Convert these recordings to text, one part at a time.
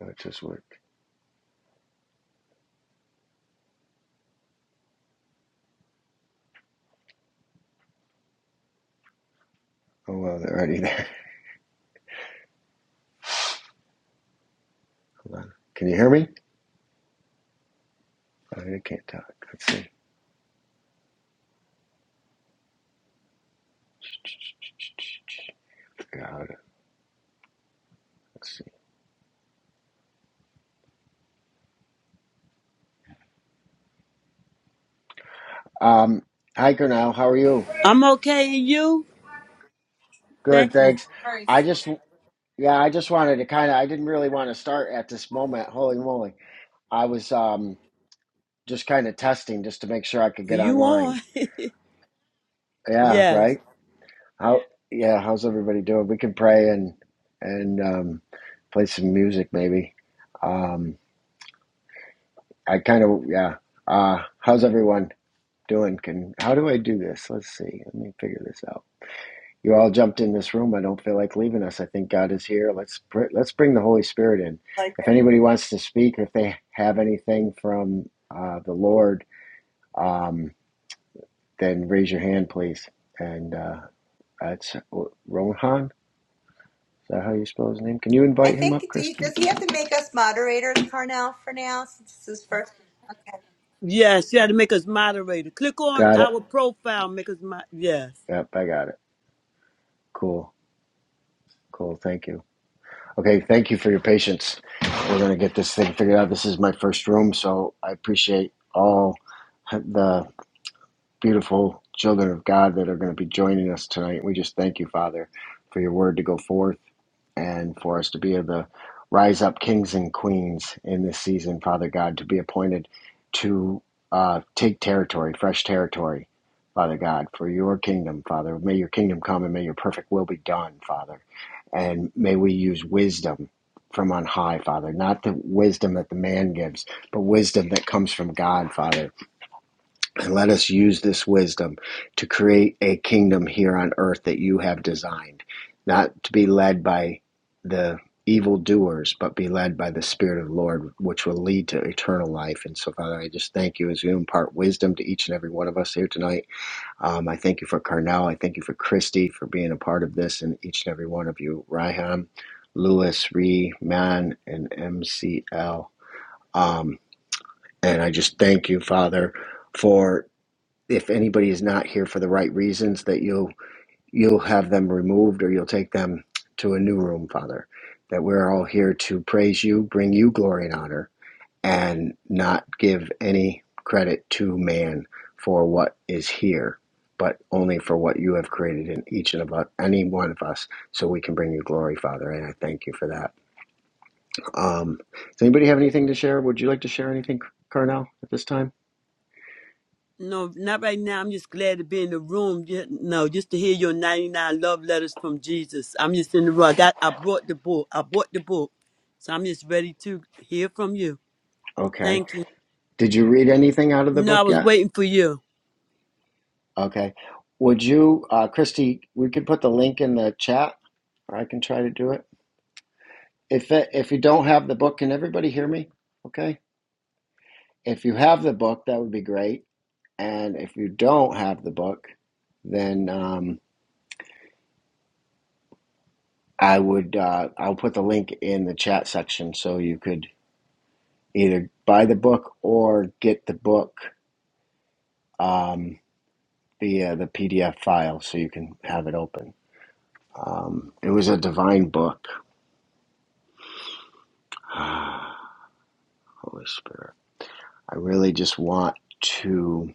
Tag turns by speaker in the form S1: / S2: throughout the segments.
S1: No, it just worked. Oh, well, they're already there. Hold on. Can you hear me? Oh, you can't talk. Let's see. Figure Let's see. Um, hi, Cornell. How are you?
S2: I'm okay, and you?
S1: Good,
S2: Thank you.
S1: thanks. I just, yeah, I just wanted to kind of, I didn't really want to start at this moment. Holy moly. I was um, just kind of testing just to make sure I could
S2: Are
S1: get
S2: you
S1: online.
S2: on?
S1: Yeah,
S2: Yes.
S1: right? How, yeah, how's everybody doing? We can pray and, and um, play some music maybe. Um, I kind of yeah. Uh, how's everyone doing? Can how do I do this? Let's see. Let me figure this out. You all jumped in this room. I don't feel like leaving us. I think God is here. Let's pr- let's bring the Holy Spirit in.
S3: like
S1: If
S3: it.
S1: anybody wants to speak, if they have anything from uh, the Lord, um, then raise your hand, please. And uh, that's Rohan. Is that how you spell his name? Can you
S3: I
S1: invite him
S3: think
S1: up,
S3: do you,
S1: Christy?
S3: does he have to make us moderators, Carnell, for now since this is his first? Okay,
S2: Yes, you had to make us moderator. Click on
S1: Got it.
S2: our profile, make us mod. Yes.
S1: Yep, I got it. Cool, cool. Thank you. Okay, thank you for your patience. We're going to get this thing figured out. This is my first room, so I appreciate all the beautiful children of God that are going to be joining us tonight. We just thank you, Father, for your word to go forth and for us to be able to rise up kings and queens in this season, Father God, to be appointed to uh, take territory, fresh territory, Father God, for your kingdom, Father. May your kingdom come and may your perfect will be done, Father. And may we use wisdom from on high, Father, not the wisdom that the man gives, but wisdom that comes from God, Father And let us use this wisdom to create a kingdom here on earth that you have designed, not to be led by the evildoers, but be led by the Spirit of the Lord, which will lead to eternal life. And so, Father, I just thank you as you impart wisdom to each and every one of us here tonight. Um, I thank you for Carnell. I thank you for Christy for being a part of this and each and every one of you. Riham, Lewis, Ree, Man, and MCL. Um, and I just thank you, Father, for if anybody is not here for the right reasons, that you'll you'll have them removed or you'll take them to a new room, Father. That we're all here to praise you, bring you glory and honor, and not give any credit to man for what is here, but only for what you have created in each and about any one of us, so we can bring you glory, Father. And I thank you for that. Um, does anybody have anything to share? Would you like to share anything, Carnell, at this time?
S2: No, not right now. I'm just glad to be in the room. Ju- No, just to hear your 99 love letters from Jesus. I'm just in the room. I got, I brought the book. I bought the book. So I'm just ready to hear from you.
S1: Okay.
S2: Thank you.
S1: Did you read anything out of the
S2: No, I
S1: book
S2: was
S1: yet?
S2: waiting for you.
S1: Okay. Would you, uh, Christy, we can put the link in the chat, or I can try to do it. If it, if you don't have the book, can everybody hear me? Okay. If you have the book, that would be great. And if you don't have the book, then um, I would uh, I'll put the link in the chat section so you could either buy the book or get the book um, via the PDF file so you can have it open. Um, it was a divine book. Holy Spirit. I really just want to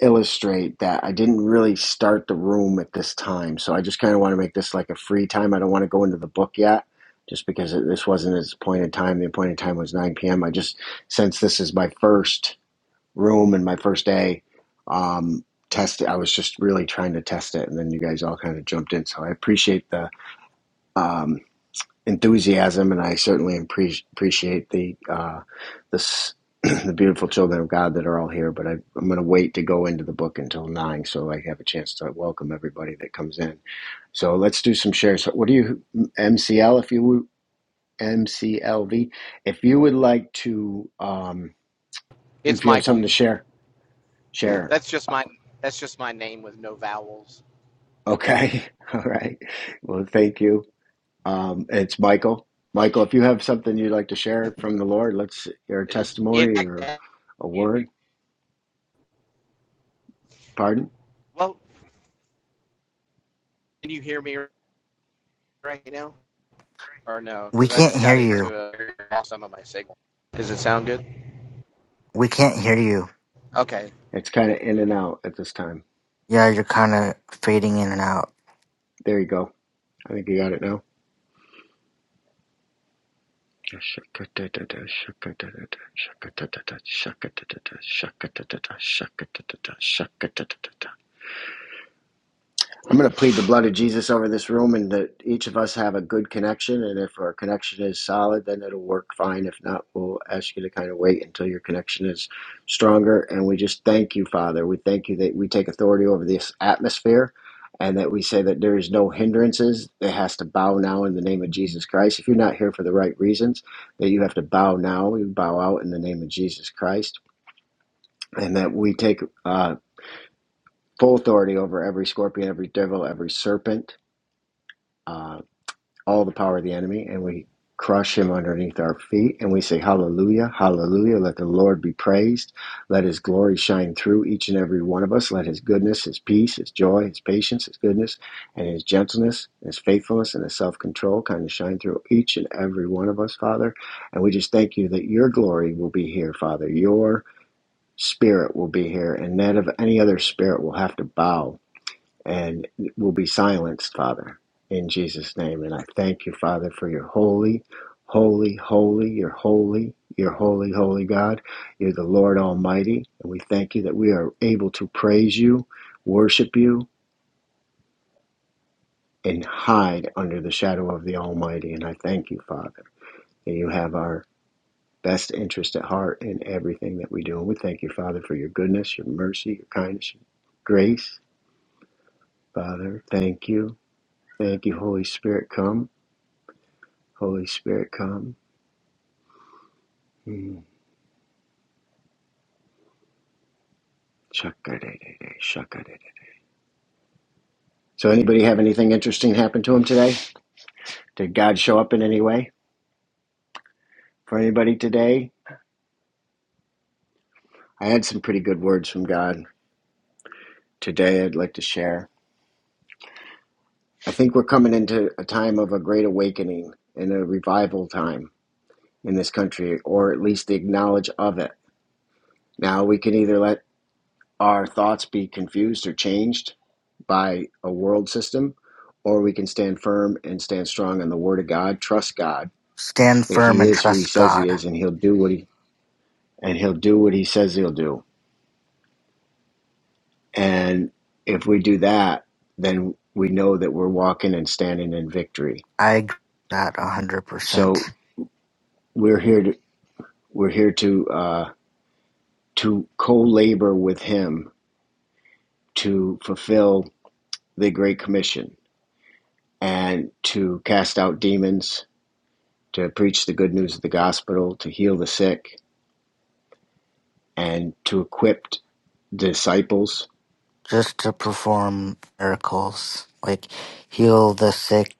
S1: illustrate that I didn't really start the room at this time. So I just kind of want to make this like a free time. I don't want to go into the book yet just because it, this wasn't its appointed time. The appointed time was 9 p.m. I just, since this is my first room and my first day, um, test it. I was just really trying to test it. And then you guys all kind of jumped in. So I appreciate the, um, enthusiasm, and I certainly appre- appreciate the uh, this the beautiful children of God that are all here. But I, I'm going to wait to go into the book until nine, so I have a chance to welcome everybody that comes in. So let's do some shares. So what do you MCL if you would- MCLV if you would like to um,
S4: It's
S1: if you have something
S4: Michael.
S1: to share share.
S4: That's just my that's just my name with no vowels.
S1: Okay, all right. Well, thank you. Um, it's Michael. Michael, if you have something you'd like to share from the Lord, let's your
S4: It, it,
S1: testimony or
S4: it-
S1: a word. Pardon.
S4: well, can you hear me right now or no?
S5: We
S4: Because I
S5: can't
S4: just
S5: hear
S4: got
S5: you.
S4: into a lost some of my signal. Does it sound good?
S5: We can't hear you.
S4: Okay,
S1: It's kind of in and out at this time.
S5: Yeah, you're kind of fading in and out.
S1: There you go. I think you got it now. I'm going to plead the blood of Jesus over this room and that each of us have a good connection. And if our connection is solid, then it'll work fine. If not, we'll ask you to kind of wait until your connection is stronger. And we just thank you, Father. We thank you that we take authority over this atmosphere and that we say that there is no hindrances. It has to bow now in the name of Jesus Christ. If you're not here for the right reasons, that you have to bow now, you bow out in the name of Jesus Christ. And that we take uh, full authority over every scorpion, every devil, every serpent. Uh, all the power of the enemy and we crush him underneath our feet and we say hallelujah hallelujah let the lord be praised let his glory shine through each and every one of us let his goodness his peace his joy his patience his goodness and his gentleness his faithfulness and his self-control kind of shine through each and every one of us father and we just thank you that your glory will be here father your spirit will be here and that of any other spirit will have to bow and will be silenced, Father, in Jesus' name. And I thank you, Father, for your holy, holy, holy, your holy, your holy, holy God. You're the Lord Almighty, and we thank you that we are able to praise you, worship you, and hide under the shadow of the Almighty. And I thank you, Father, that you have our best interest at heart in everything that we do. And we thank you, Father, for your goodness, your mercy, your kindness, your grace. Father, thank you. Thank you, Holy Spirit. Come. Holy Spirit, come. Mm. Shakadadada, So, anybody have anything interesting happen to him today? Did God show up in any way for anybody today? I had some pretty good words from God today. I'd like to share. I think we're coming into a time of a great awakening and a revival time in this country, or at least the acknowledge of it. Now we can either let our thoughts be confused or changed by a world system, or we can stand firm and stand strong on the Word of God, trust God,
S5: Stand
S1: that
S5: firm
S1: he
S5: and
S1: is who he
S5: trust
S1: says he
S5: God.
S1: is and he'll do what he and he'll do what he says he'll do and if we do that then we know that we're walking and standing in victory
S5: I agree with that
S1: so
S5: 100%.
S1: we're here to we're here to uh, to co-labor with him to fulfill the great commission and to cast out demons to preach the good news of the gospel to heal the sick and to equip disciples
S5: Just to perform miracles, like heal the sick,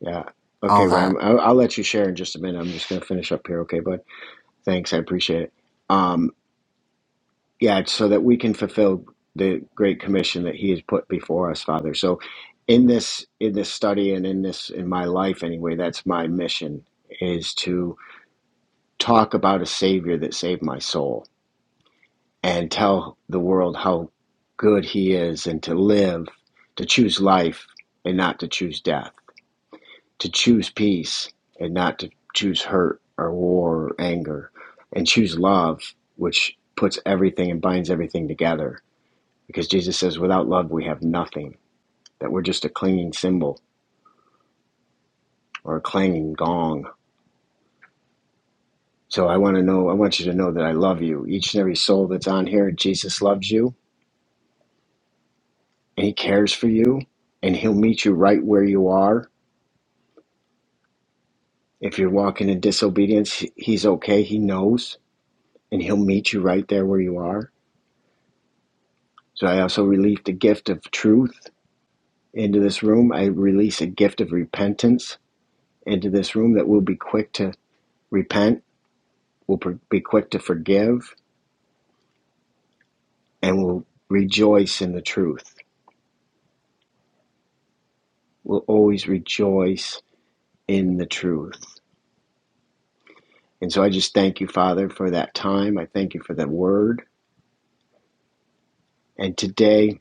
S1: Yeah.
S5: all
S1: Okay,
S5: that.
S1: Ryan. I'll, I'll let you share in just a minute. I'm just going to finish up here. Okay, bud. Thanks. I appreciate it. Um, yeah, it's so that we can fulfill the great commission that He has put before us, Father. So, in this in this study and in this in my life anyway, that's my mission is to talk about a Savior that saved my soul and tell the world how good He is and to live, to choose life and not to choose death to choose peace and not to choose hurt or war or anger and choose love which puts everything and binds everything together because jesus says without love we have nothing that we're just a clinging cymbal or a clanging gong so i want to know i want you to know that i love you each and every soul that's on here jesus loves you and he cares for you and he'll meet you right where you are if you're walking in disobedience he's okay he knows and he'll meet you right there where you are So I also release the gift of truth into this room. I release a gift of repentance into this room that will be quick to repent, will be quick to forgive, and will rejoice in the truth. Will always rejoice in the truth. And so I just thank you, Father, for that time. I thank you for that word. And today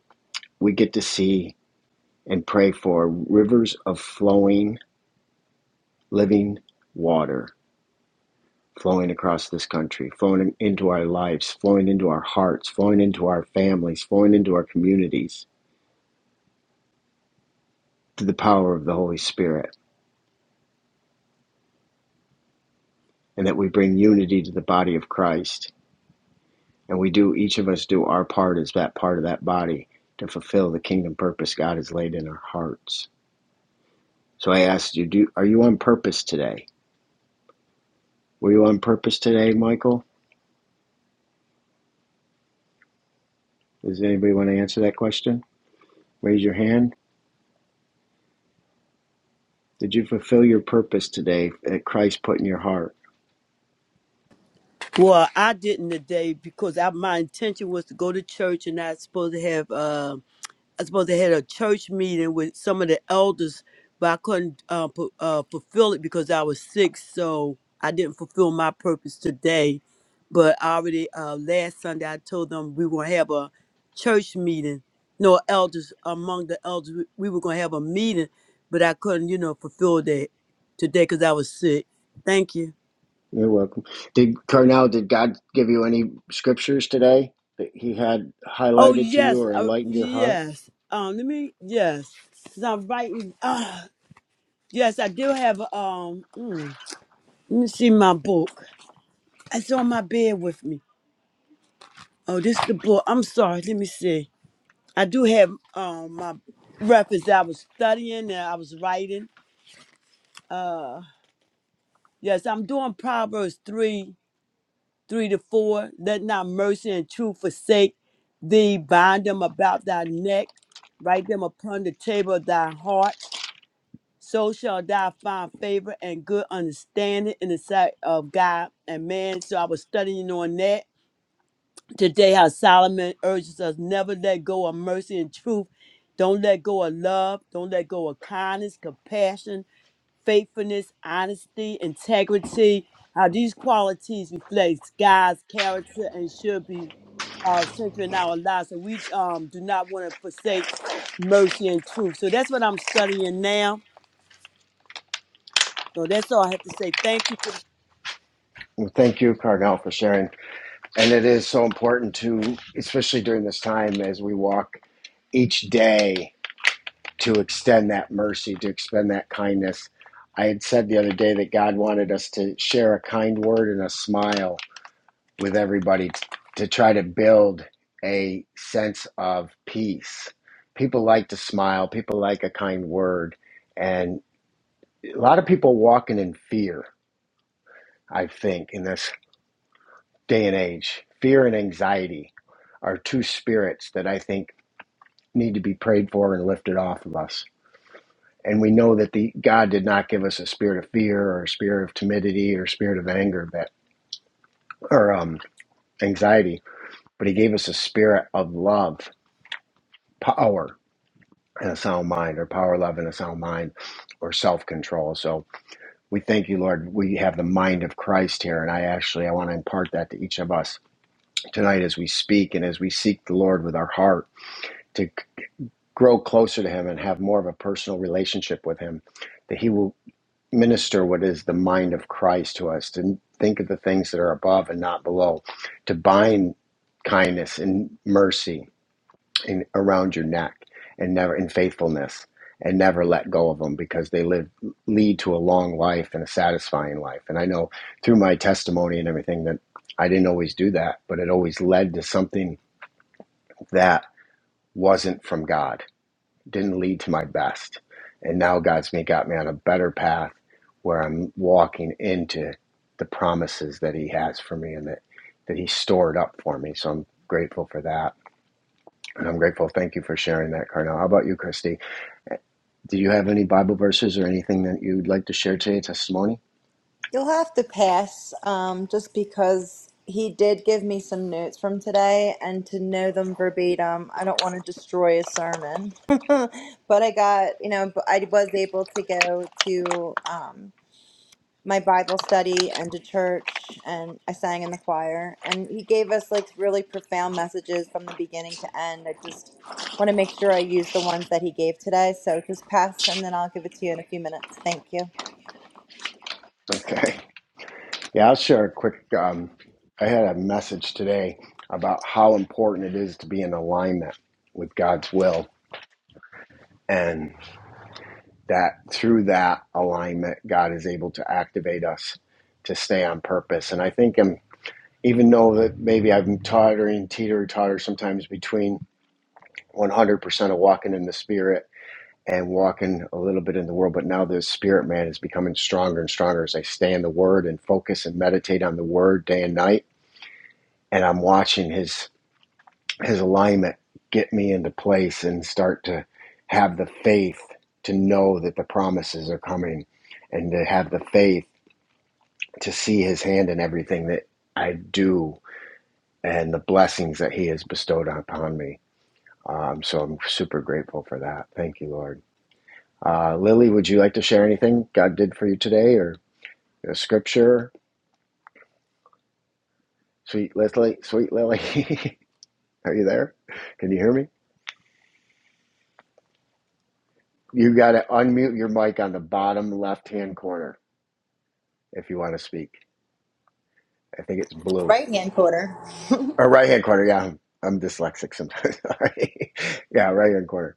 S1: we get to see and pray for rivers of flowing, living water flowing across this country, flowing into our lives, flowing into our hearts, flowing into our families, flowing into our communities through the power of the Holy Spirit, and that we bring unity to the body of Christ. And we do, each of us do our part as that part of that body to fulfill the kingdom purpose God has laid in our hearts. So I asked you, do, are you on purpose today? Were you on purpose today, Michael? Does anybody want to answer that question? Raise your hand. Did you fulfill your purpose today that Christ put in your heart?
S2: Well, I didn't today because I, my intention was to go to church and I was supposed to have, uh, I suppose they had a church meeting with some of the elders, but I couldn't uh, pu- uh, fulfill it because I was sick. So I didn't fulfill my purpose today. But I already uh, last Sunday, I told them we were going to have a church meeting. No elders among the elders, we we were going to have a meeting, but I couldn't, you know, fulfill that today because I was sick. Thank you.
S1: You're welcome. Did Carnell, did God give you any scriptures today that He had
S2: Oh
S1: highlighted to you
S2: yes,
S1: or
S2: uh,
S1: enlightened your heart?
S2: yes. Um, let me yes. 'Cause I'm writing. Uh, yes, I do have. Um, mm. Let me see my book. It's on my bed with me. Oh, this is the book. I'm sorry. Let me see. I do have um my reference that I was studying and I was writing. Uh yes, I'm doing Proverbs three, three to four. Let not mercy and truth forsake thee. Bind them about thy neck, write them upon the table of thy heart. So shall thou find favor and good understanding in the sight of God and man. So I was studying on that Today, how Solomon urges us never let go of mercy and truth. Don't let go of love. Don't let go of kindness, compassion, faithfulness, honesty, integrity. How these qualities reflect God's character and should be uh, centered in our lives. So we um, do not want to forsake mercy and truth. So that's what I'm studying now. So that's all I have to say. Thank you. for
S1: Well, thank you, Carnell, for sharing. And it is so important to, especially during this time as we walk each day, to extend that mercy, to extend that kindness. I had said the other day that God wanted us to share a kind word and a smile with everybody t- to try to build a sense of peace. People like to smile, people like a kind word, and a lot of people walking in fear, I think, in this day and age. Fear and anxiety are two spirits that I think need to be prayed for and lifted off of us. And we know that the God did not give us a spirit of fear or a spirit of timidity or a spirit of anger that or um, anxiety, but He gave us a spirit of love, power, and a sound mind, or power, love, and a sound mind, or self control. So we thank you, Lord. We have the mind of Christ here, and I actually I want to impart that to each of us tonight as we speak and as we seek the Lord with our heart to c- grow closer to Him and have more of a personal relationship with Him, that He will minister what is the mind of Christ to us, to think of the things that are above and not below, to bind kindness and mercy in, around your neck and never in faithfulness and never let go of them because they live lead to a long life and a satisfying life and i know through my testimony and everything that i didn't always do that but it always led to something that wasn't from god didn't lead to my best and now god's me got me on a better path where i'm walking into the promises that he has for me and that that he stored up for me so i'm grateful for that and I'm grateful. Thank you for sharing that, Carnell. How about you, Christy? Do you have any Bible verses or anything that you'd like to share today, testimony?
S3: You'll have to pass, um, just because he did give me some notes from today, and to know them verbatim, I don't want to destroy a sermon. But I got, you know, but I was able to go to. um, my Bible study and to church, and I sang in the choir. And he gave us like really profound messages from the beginning to end. I just want to make sure I use the ones that he gave today. So just pass, and then I'll give it to you in a few minutes. Thank you.
S1: Okay. Yeah, I'll share a quick. Um, I had a message today about how important it is to be in alignment with God's will, and that through that alignment, God is able to activate us to stay on purpose. And I think I'm, even though that maybe I'm tottering, teeter totter sometimes between 100% of walking in the Spirit and walking a little bit in the world, but now the spirit man is becoming stronger and stronger as I stay in the word and focus and meditate on the word day and night. And I'm watching his his alignment get me into place and start to have the faith to know that the promises are coming and to have the faith to see his hand in everything that I do and the blessings that he has bestowed upon me. Um, so I'm super grateful for that. Thank you, Lord. Uh, Lily, would you like to share anything God did for you today or a scripture? Sweet Lily, sweet Lily, are you there? Can you hear me? You got to unmute your mic on the bottom left hand corner if you want to speak. I think it's blue
S3: Right hand quarter.
S1: or right hand corner. Yeah, I'm, I'm dyslexic sometimes. Sorry. yeah, right hand corner.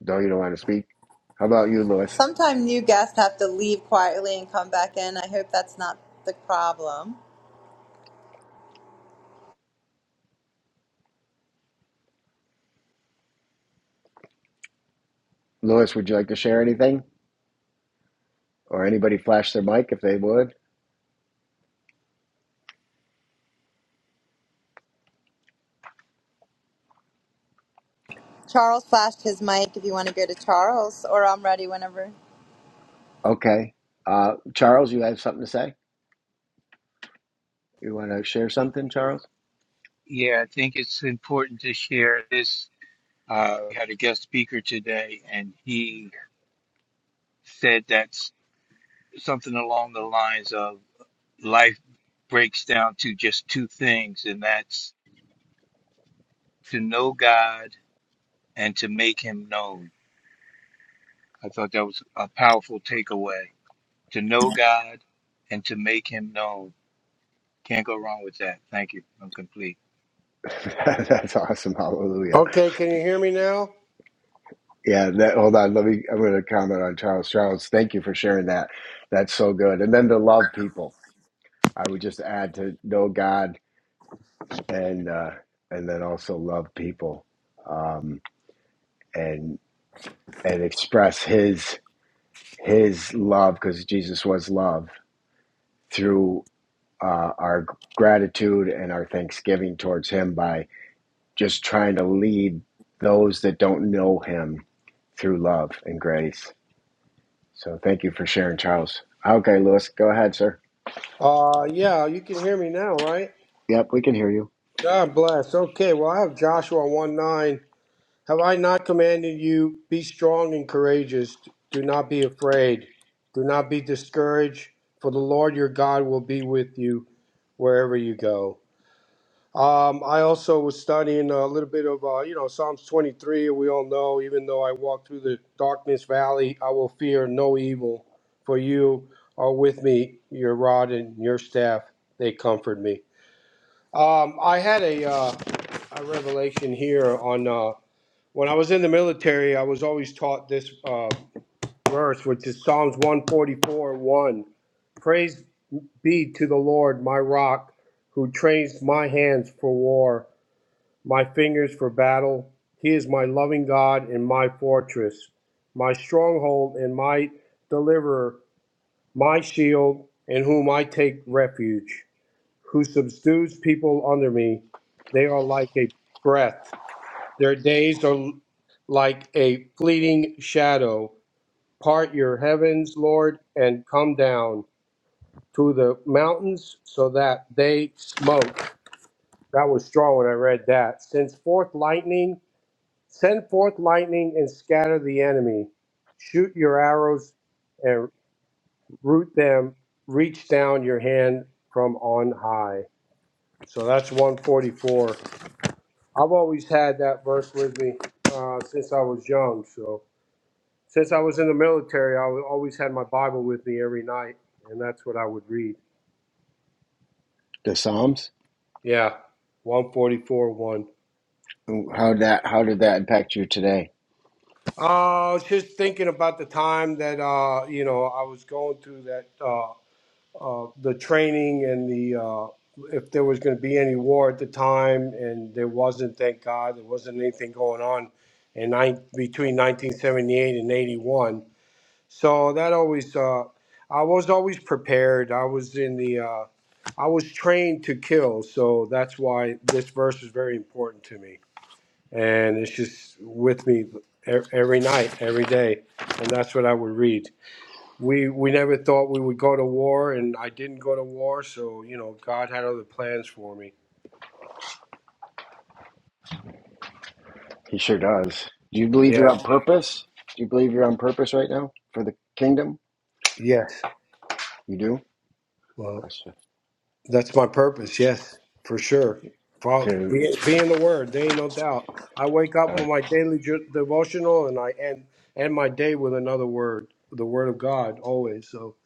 S1: No, you don't want to speak. How about you, Lewis?
S3: Sometime new guests have to leave quietly and come back in. I hope that's not the problem.
S1: Lewis, would you like to share anything or anybody flash their mic if they would?
S3: Charles flashed his mic if you want to go to Charles, or I'm ready whenever.
S1: Okay. Uh, Charles, you have something to say? You want to share something, Charles?
S6: Yeah, I think it's important to share this. Uh, we had a guest speaker today, and he said that's something along the lines of life breaks down to just two things, and that's to know God and to make Him known. I thought that was a powerful takeaway. To know God and to make Him known. Can't go wrong with that. Thank you. I'm complete.
S1: That's awesome. Hallelujah.
S7: Okay, can you hear me now?
S1: Yeah. That, hold on. Let me, I'm going to comment on Charles. Charles, thank you for sharing that. That's so good. And then to love people. I would just add to know God and, uh, and then also love people, um, and, and express his, his love because Jesus was love through, uh, our gratitude and our thanksgiving towards him by just trying to lead those that don't know him through love and grace So thank you for sharing, Charles. Okay, Lewis, go ahead, sir.
S7: Uh, yeah, you can hear me now, right?
S1: Yep, we can hear you.
S7: God bless. Okay, well, I have Joshua 1 9. Have I not commanded you, be strong and courageous? Do not be afraid. Do not be discouraged, for the Lord your God will be with you wherever you go. Um, I also was studying a little bit of, uh, you know, Psalms 23. We all know, even though I walk through the darkness valley, I will fear no evil, for you are with me. Your rod and your staff, they comfort me. Um, I had a, uh, a revelation here on uh, when I was in the military. I was always taught this uh, verse, which is Psalms 144 1. Praise be to the Lord, my rock, who trains my hands for war my fingers for battle. He is my loving God and my fortress, my stronghold and my deliverer, my shield, in whom I take refuge, who subdues people under me. They are like a breath. Their days are l- like a fleeting shadow. Part your heavens, Lord, and come down to the mountains so that they smoke. That was strong when I read that. Since forth lightning Send forth lightning and scatter the enemy. Shoot your arrows and root them. Reach down your hand from on high. So that's 144. I've always had that verse with me uh, since I was young. So since I was in the military, I wa- always had my Bible with me every night, and that's what I would read.
S1: The Psalms.
S7: Yeah, 144 1.
S1: How that? How did that impact you today?
S7: Uh, I was just thinking about the time that uh, you know I was going through that. Uh, uh, the training and the uh, if there was going to be any war at the time, and there wasn't. Thank God, there wasn't anything going on in nine, between 1978 and 81. So that always, uh, I was always prepared. I was in the, uh, I was trained to kill. So that's why this verse is very important to me, and it's just with me e- every night, every day, and that's what I would read we we never thought we would go to war, and I didn't go to war, so you know God had other plans for me.
S1: He sure does. Do you believe you're
S7: Yeah.
S1: on purpose? Do you believe you're on purpose right now for the kingdom?
S7: Yes.
S1: You do. I
S7: Well,
S1: should.
S7: that's my purpose. Yes, for sure. Well,
S1: Clearly.
S7: be, be in the Word. There ain't no doubt. I wake up
S1: Uh,
S7: with my daily ju- devotional, and I end end my day with another word, the Word of God, always. So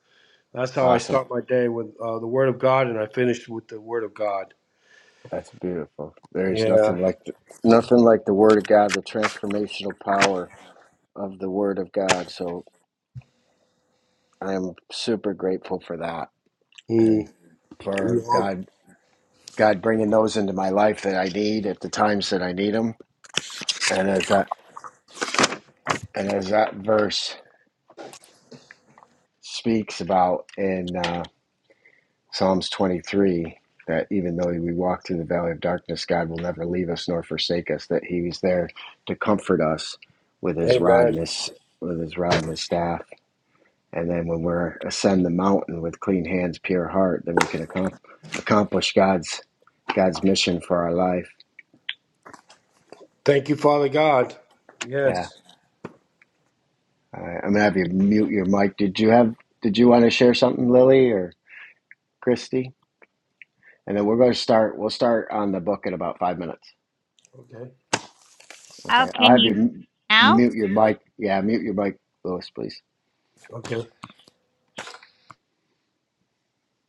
S7: that's how I
S1: awesome.
S7: start my day with uh, the Word of God, and I finish with the Word of God.
S1: That's beautiful. There is
S7: Yeah.
S1: nothing like the, nothing like the Word of God, the transformational power of the Word of God. So I am super grateful for that and
S7: Mm. We
S1: for
S7: all-
S1: God God bringing those into my life that I need at the times that I need them. And as that and as that verse speaks about in uh, Psalms 23, that even though we walk through the valley of darkness, God will never leave us nor forsake us. That He was there to comfort us with His rod
S7: Amen.
S1: and His with His rod and His staff. And then when we're ascend the mountain with clean hands, pure heart, then we can accom- accomplish God's God's mission for our life.
S7: Thank you, Father God.
S1: Yeah.
S7: Yes.
S1: All right, I'm gonna have you mute your mic. Did you have? Did you want to share something, Lily or Christy? And then we're going to start. We'll start on the book in about five minutes.
S7: Okay,
S8: Oh,
S1: Okay. I'll
S8: can
S1: have you
S8: you
S1: m-
S8: now?
S1: mute your mic. Yeah, mute your mic, Lewis, please.
S7: okay.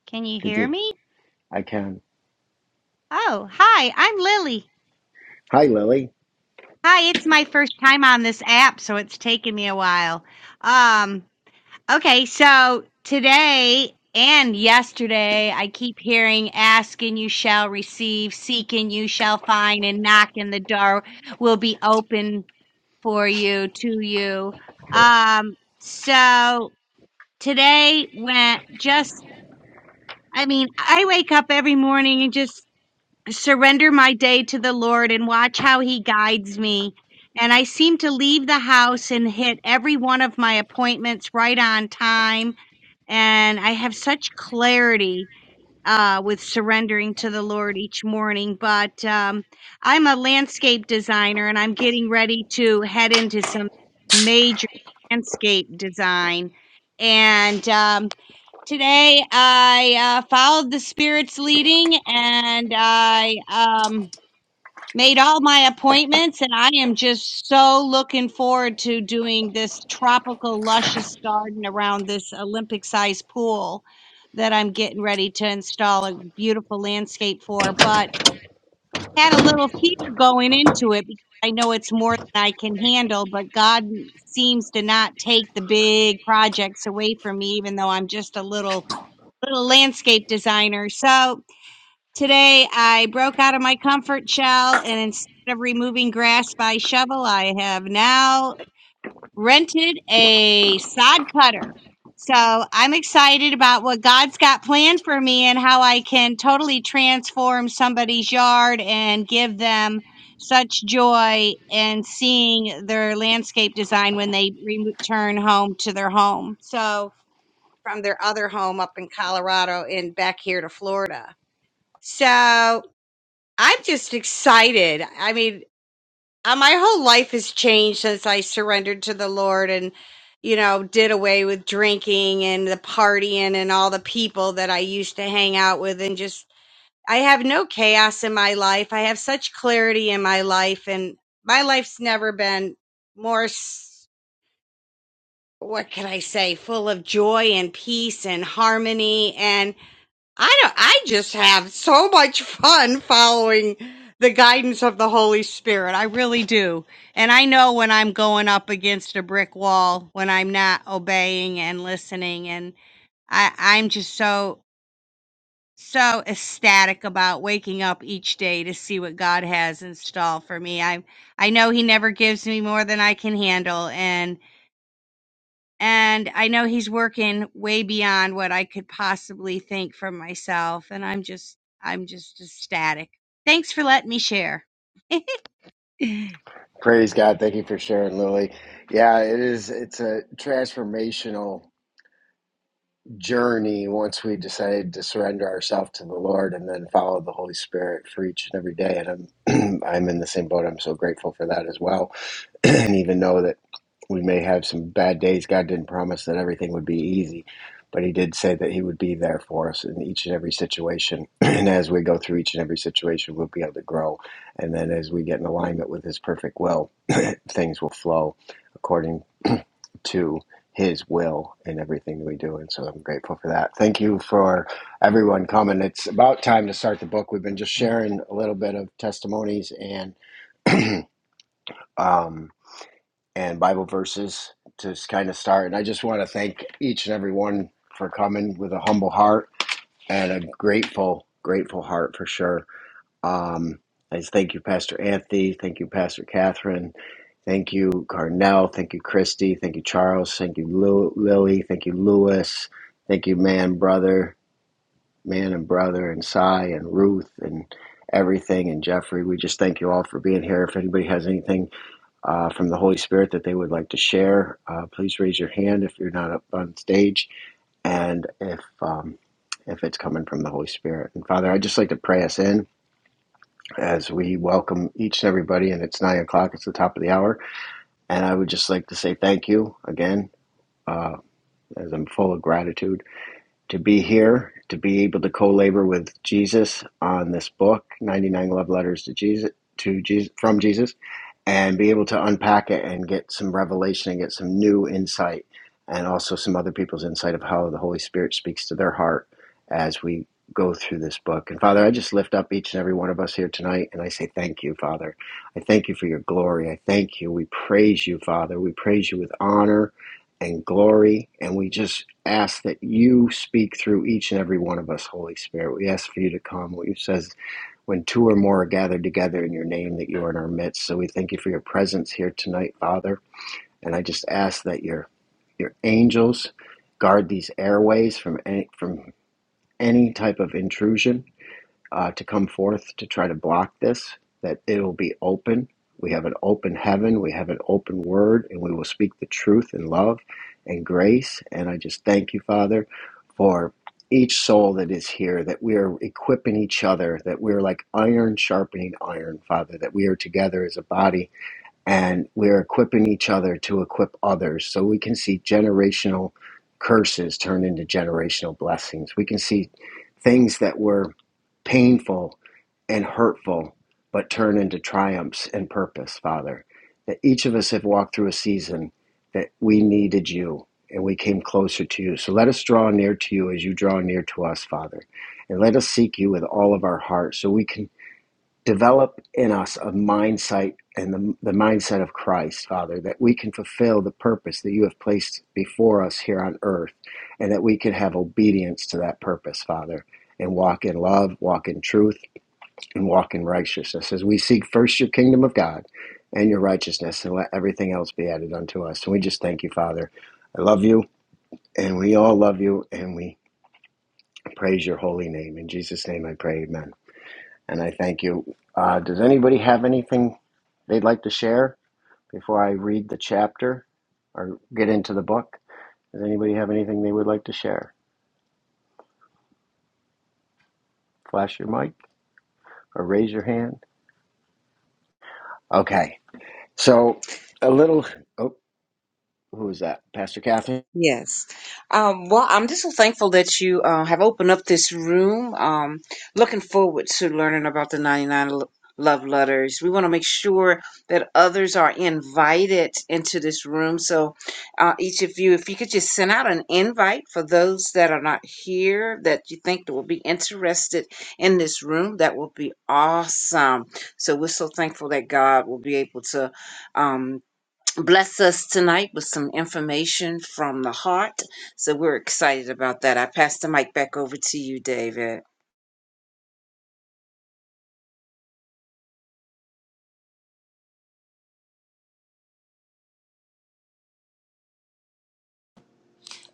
S8: Can you
S1: Could
S8: hear
S1: you?
S8: me?
S1: I can.
S8: Oh, hi, I'm Lily.
S1: Hi, Lily.
S8: Hi, it's my first time on this app, so it's taken me a while. Um, okay, so today and yesterday, I keep hearing ask and you shall receive, seek and you shall find, and knock and the door will be open for you, to you. Um, so today went just I mean, I wake up every morning and just surrender my day to the Lord and watch how he guides me. And I seem to leave the house and hit every one of my appointments right on time. And I have such clarity uh, with surrendering to the Lord each morning. But um, I'm a landscape designer and I'm getting ready to head into some major landscape design. And um, Today I uh, followed the Spirit's leading and I um, made all my appointments, and I am just so looking forward to doing this tropical, luscious garden around this Olympic sized pool that I'm getting ready to install a beautiful landscape for. But had a little fear going into it because I know it's more than I can handle, but God seems to not take the big projects away from me, even though I'm just a little little landscape designer. So today I broke out of my comfort shell and instead of removing grass by shovel, I have now rented a sod cutter. So I'm excited about what God's got planned for me and how I can totally transform somebody's yard and give them such joy in seeing their landscape design when they return home to their home. So from their other home up in Colorado and back here to Florida. So I'm just excited. I mean, uh, my whole life has changed since I surrendered to the Lord and, you know, did away with drinking and the partying and all the people that I used to hang out with and just, I have no chaos in my life. I have such clarity in my life and my life's never been more, s- what can I say, full of joy and peace and harmony. And I don't, I just have so much fun following the guidance of the Holy Spirit. I really do. And I know when I'm going up against a brick wall, when I'm not obeying and listening and I I'm just so so ecstatic about waking up each day to see what God has in store for me. I I know he never gives me more than I can handle and and I know he's working way beyond what I could possibly think for myself. And I'm just, I'm just ecstatic. Thanks for letting me share.
S1: Praise God. Thank you for sharing, Lily. Yeah, it is. It's a transformational journey once we decide to surrender ourselves to the Lord and then follow the Holy Spirit for each and every day. And I'm I'm in the same boat. I'm so grateful for that as well and even know that we may have some bad days. God didn't promise that everything would be easy, but He did say that He would be there for us in each and every situation. And as we go through each and every situation, we'll be able to grow. And then as we get in alignment with His perfect will, things will flow according to His will in everything we do. And so I'm grateful for that. Thank you for everyone coming. It's about time to start the book. We've been just sharing a little bit of testimonies and. um, and Bible verses to kind of start. And I just want to thank each and every one for coming with a humble heart and a grateful, grateful heart for sure. Um, I just thank you, Pastor Anthony. Thank you, Pastor Catherine. Thank you, Carnell. Thank you, Christy. Thank you, Charles. Thank you, Lu- Lily. Thank you, Lewis. Thank you, man, brother, man and brother, and Cy and Ruth and everything, and Jeffrey. We just thank you all for being here. If anybody has anything uh, from the Holy Spirit that they would like to share, uh, please raise your hand if you're not up on stage and if um, if it's coming from the Holy Spirit. And Father, I'd just like to pray us in as we welcome each and everybody. And it's nine o'clock; it's the top of the hour. And I would just like to say thank you again, uh, as I'm full of gratitude to be here, to be able to co-labor with Jesus on this book, 99 Love Letters to Jesus, to Jesus, from Jesus, and be able to unpack it and get some revelation and get some new insight and also some other people's insight of how the Holy Spirit speaks to their heart as we go through this book. And Father, I just lift up each and every one of us here tonight and I say thank you, Father. I thank you for your glory. I thank you. We praise you, Father. We praise you with honor and glory. And we just ask that you speak through each and every one of us, Holy Spirit. We ask for you to come. What you says, when two or more are gathered together in your name, that you are in our midst. So we thank you for your presence here tonight, Father. And I just ask that your your angels guard these airways from any, from any type of intrusion uh, to come forth to try to block this, that it will be open. We have an open heaven, we have an open word, and we will speak the truth in love and grace. And I just thank you, Father, for each soul that is here, that we are equipping each other, that we're like iron sharpening iron, Father, that we are together as a body and we're equipping each other to equip others so we can see generational curses turn into generational blessings. We can see things that were painful and hurtful but turn into triumphs and purpose, Father. That each of us have walked through a season that we needed you and we came closer to you. So let us draw near to you as you draw near to us, Father. And let us seek you with all of our heart so we can develop in us a mindset and the, the mindset of Christ, Father, that we can fulfill the purpose that you have placed before us here on earth and that we can have obedience to that purpose, Father, and walk in love, walk in truth, and walk in righteousness as we seek first your kingdom of God and your righteousness and let everything else be added unto us. And we just thank you, Father. I love you and we all love you and we praise your holy name. In Jesus' name I pray, amen and I thank you. Uh, does anybody have anything they'd like to share before I read the chapter or get into the book? Does anybody have anything they would like to share? Flash your mic or raise your hand. Okay. So a little. Oh, who is that? Pastor Catherine.
S9: Yes. Um, well, I'm just so thankful that you uh, have opened up this room. Um, looking forward to learning about the 99 lo- love letters. We want to make sure that others are invited into this room. So, uh, each of you, if you could just send out an invite for those that are not here that you think that will be interested in this room, that will be awesome. So, we're so thankful that God will be able to. Um, bless us tonight with some information from the heart. So we're excited about that. I pass the mic back over to you, David.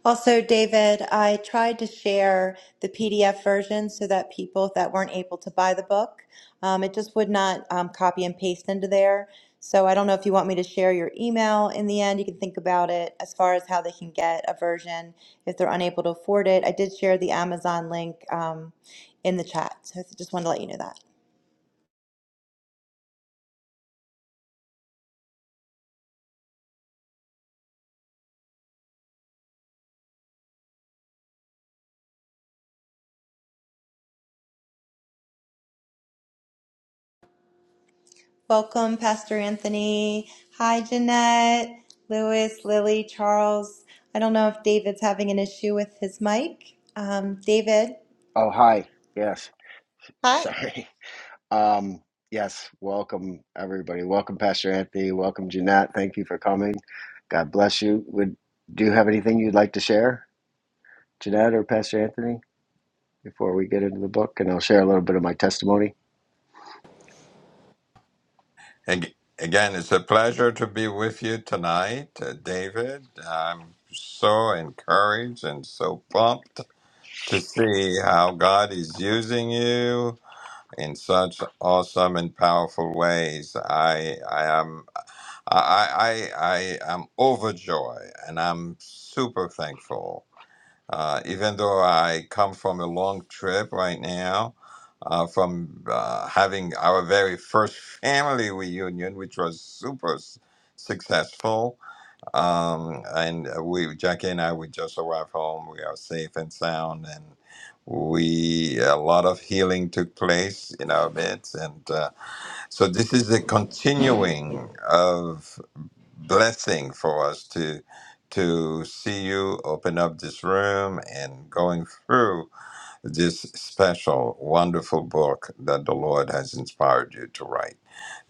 S3: Also, David, I tried to share the PDF version so that people that weren't able to buy the book, um, it just would not um, copy and paste into there. So I don't know if you want me to share your email in the end. You can think about it as far as how they can get a version if they're unable to afford it. I did share the Amazon link um, in the chat. So I just wanted to let you know that. Welcome, Pastor Anthony. Hi, Jeanette, Lewis, Lily, Charles. I don't know if David's having an issue with his mic. Um, David,
S1: Oh, hi. Yes.
S3: Hi.
S1: Sorry. Um, yes. Welcome everybody. Welcome Pastor Anthony. Welcome Jeanette. Thank you for coming. God bless you. Would do you have anything you'd like to share, Jeanette or Pastor Anthony? before we get into the book, and I'll share a little bit of my testimony.
S10: Ag- Again, it's a pleasure to be with you tonight, uh, David. I'm so encouraged and so pumped to see how God is using you in such awesome and powerful ways. I, I am, I, I, I I am overjoyed, and I'm super thankful uh, even though I come from a long trip right now, uh, from uh, having our very first family reunion, which was super s- successful, um, and uh, we Jackie and I we just arrived home. We are safe and sound, and we a lot of healing took place in our midst, and uh, so this is a continuing of blessing for us to to see you open up this room and going through this special wonderful book that the lord has inspired you to write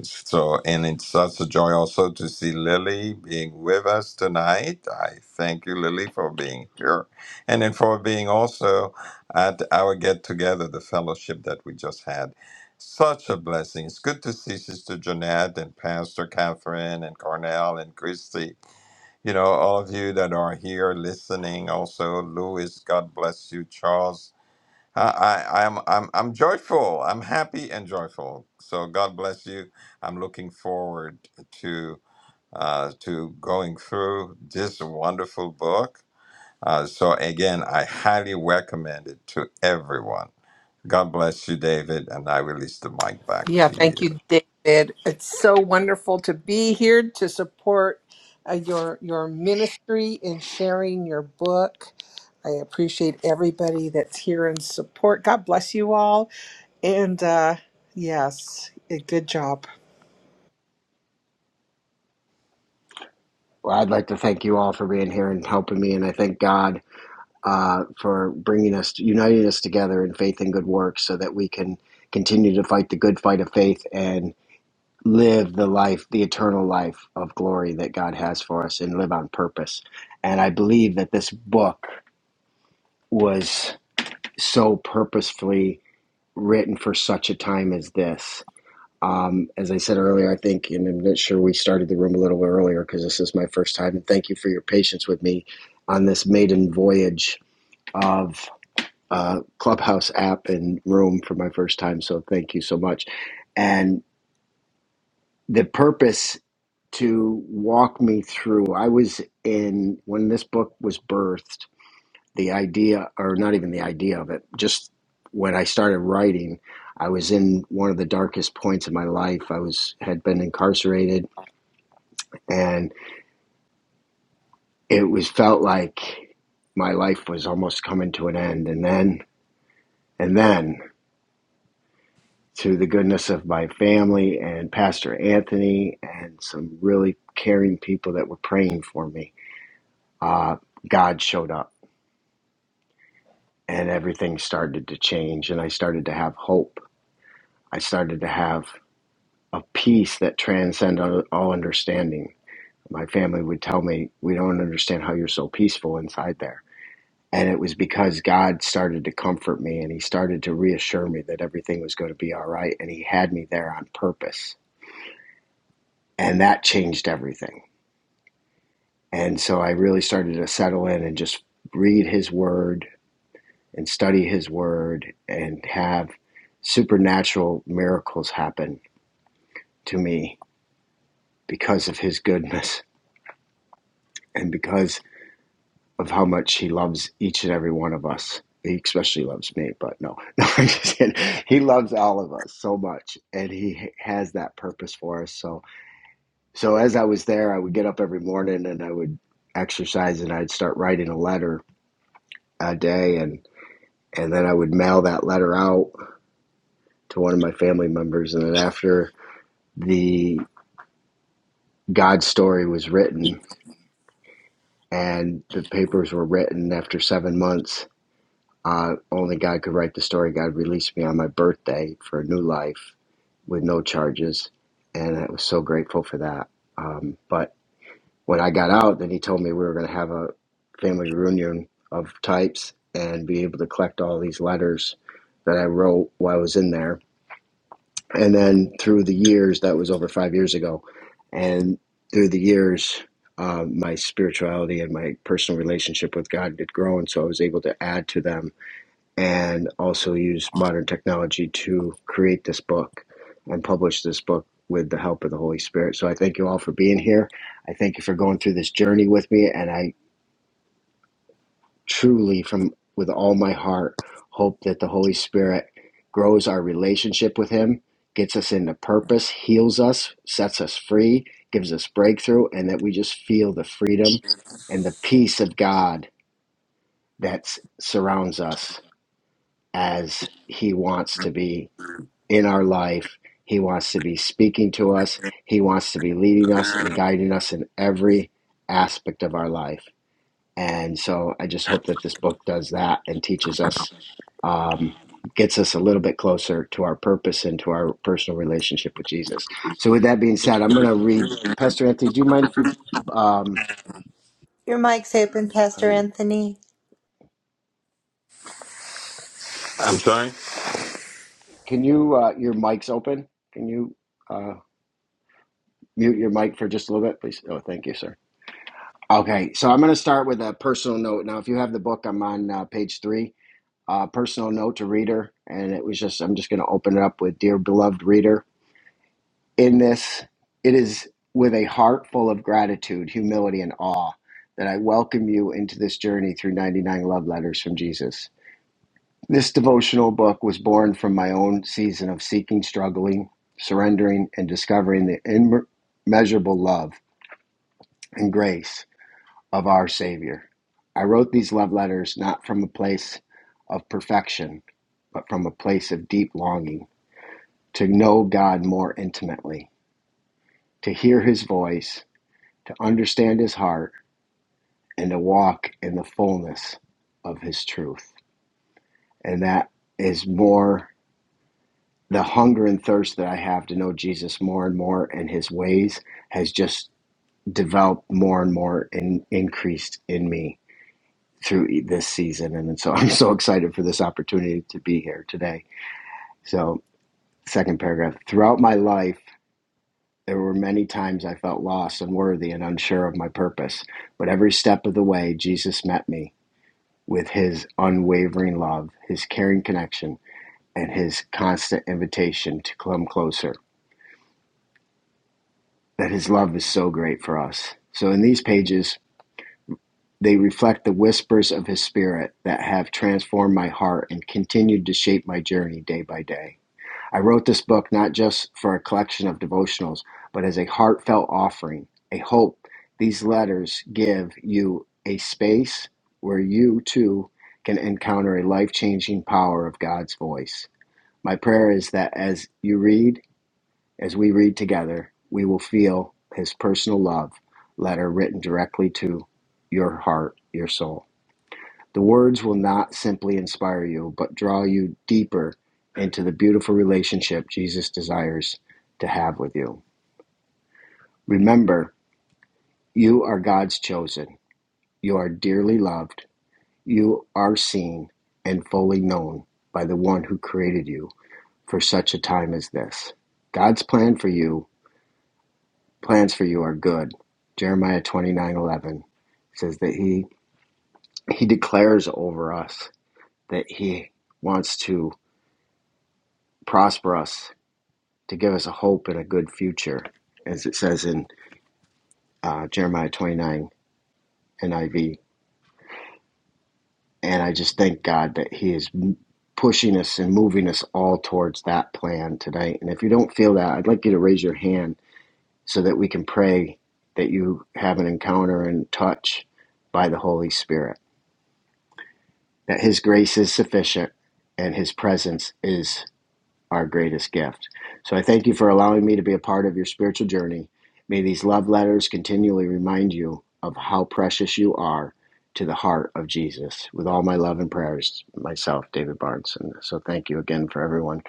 S10: so, and it's such a joy also to see Lily being with us tonight. I thank you, Lily, for being here and then for being also at our get together, the fellowship that we just had. Such a blessing. It's good to see Sister Jeanette and Pastor Catherine and Cornell and Christy. You know, all of you that are here listening, also, Louis, God bless you, Charles. I, I, I'm, I'm, I'm joyful. I'm happy and joyful. So God bless you. I'm looking forward to uh, to going through this wonderful book. Uh, so again, I highly recommend it to everyone. God bless you, David, and I release the mic back
S11: Yeah,
S10: to
S11: thank
S10: you.
S11: you, David. It's so wonderful to be here to support uh, your your ministry in sharing your book. I appreciate everybody that's here in support. God bless you all. And uh, yes, a good job.
S1: Well, I'd like to thank you all for being here and helping me, and I thank God uh, for bringing us, uniting us together in faith and good works, so that we can continue to fight the good fight of faith and live the life, the eternal life of glory that God has for us, and live on purpose. And I believe that this book was so purposefully written for such a time as this Um, as I said earlier, I think, and I'm not sure we started the room a little bit earlier because this is my first time, and thank you for your patience with me on this maiden voyage of uh, Clubhouse app and room for my first time. So thank you so much. And the purpose to walk me through, I was in, when this book was birthed, the idea, or not even the idea of it, just when I started writing, I was in one of the darkest points of my life. I was had been incarcerated and it was felt like my life was almost coming to an end and then and then through the goodness of my family and pastor anthony and some really caring people that were praying for me uh, god showed up and everything started to change and i started to have hope i started to have a peace that transcends all understanding my family would tell me we don't understand how you're so peaceful inside there And it was because God started to comfort me and he started to reassure me that everything was going to be all right. And he had me there on purpose. And that changed everything. And so I really started to settle in and just read his word and study his word and have supernatural miracles happen to me because of his goodness and because of how much he loves each and every one of us. He especially loves me, but no, no, I'm just kidding. He loves all of us so much, and he has that purpose for us. So, so as I was there, I would get up every morning and I would exercise, and I'd start writing a letter a day, and and then I would mail that letter out to one of my family members, and then after the God story was written and the papers were written after seven months, Uh, only God could write the story. God released me on my birthday for a new life with no charges, and I was so grateful for that. Um, but when I got out, then he told me we were going to have a family reunion of types and be able to collect all these letters that I wrote while I was in there. And then through the years, that was over five years ago, and through the years, um, my spirituality and my personal relationship with God did grow, and so I was able to add to them and also used modern technology to create this book and publish this book with the help of the Holy Spirit. So I thank you all for being here. I thank you for going through this journey with me, and I truly, from with all my heart, hope that the Holy Spirit grows our relationship with Him, gets us into purpose, heals us, sets us free, gives us breakthrough, and that we just feel the freedom and the peace of God that s- surrounds us as He wants to be in our life. He wants to be speaking to us. He wants to be leading us and guiding us in every aspect of our life. And so I just hope that this book does that and teaches us, um, gets us a little bit closer to our purpose and to our personal relationship with Jesus. So with that being said, I'm going to read. Pastor Anthony, do you mind if you, um,
S3: your mic's open,
S1: how do
S3: Pastor
S1: you,
S3: Anthony.
S1: can you, uh, your mic's open? Can you uh, mute your mic for just a little bit, please? Oh, thank you, sir. Okay, so I'm going to start with a personal note. Now, if you have the book, I'm on uh, page three, uh, personal note to reader. And it was just, I'm just going to open it up with Dear beloved reader. In this, it is with a heart full of gratitude, humility, and awe that I welcome you into this journey through 99 love letters from Jesus. This devotional book was born from my own season of seeking, struggling, surrendering, and discovering the immeasurable love and grace of our Savior. I wrote these love letters not from a place of perfection, but from a place of deep longing to know God more intimately, to hear His voice, to understand His heart, and to walk in the fullness of His truth. And that is more the hunger and thirst that I have to know Jesus more and more and His ways has just developed more and more and increased in me through e- this season. And so I'm so excited for this opportunity to be here today. So, second paragraph throughout my life, there were many times I felt lost, unworthy, and unsure of my purpose. But every step of the way, Jesus met me with his unwavering love, his caring connection, and his constant invitation to come closer. That his love is so great for us. So, in these pages, they reflect the whispers of his spirit that have transformed my heart and continued to shape my journey day by day. I wrote this book not just for a collection of devotionals, but as a heartfelt offering. I hope these letters give you a space where you too can encounter a life changing power of God's voice. My prayer is that as you read, as we read together, we will feel His personal love letter written directly to your heart, your soul. The words will not simply inspire you, but draw you deeper into the beautiful relationship Jesus desires to have with you. Remember, you are God's chosen. You are dearly loved. You are seen and fully known by the one who created you for such a time as this. God's plan for you, plans for you are good. Jeremiah 29:11 says that he he declares over us that he wants to prosper us to give us a hope and a good future, as it says in uh, Jeremiah 29 NIV. And I just thank God that He is pushing us and moving us all towards that plan tonight. And if you don't feel that, I'd like you to raise your hand so that we can pray that you have an encounter and touch by the Holy Spirit, that His grace is sufficient and His presence is our greatest gift. So I thank you for allowing me to be a part of your spiritual journey. May these love letters continually remind you of how precious you are to the heart of Jesus. With all my love and prayers, myself, David Barnes. And so thank you again for everyone.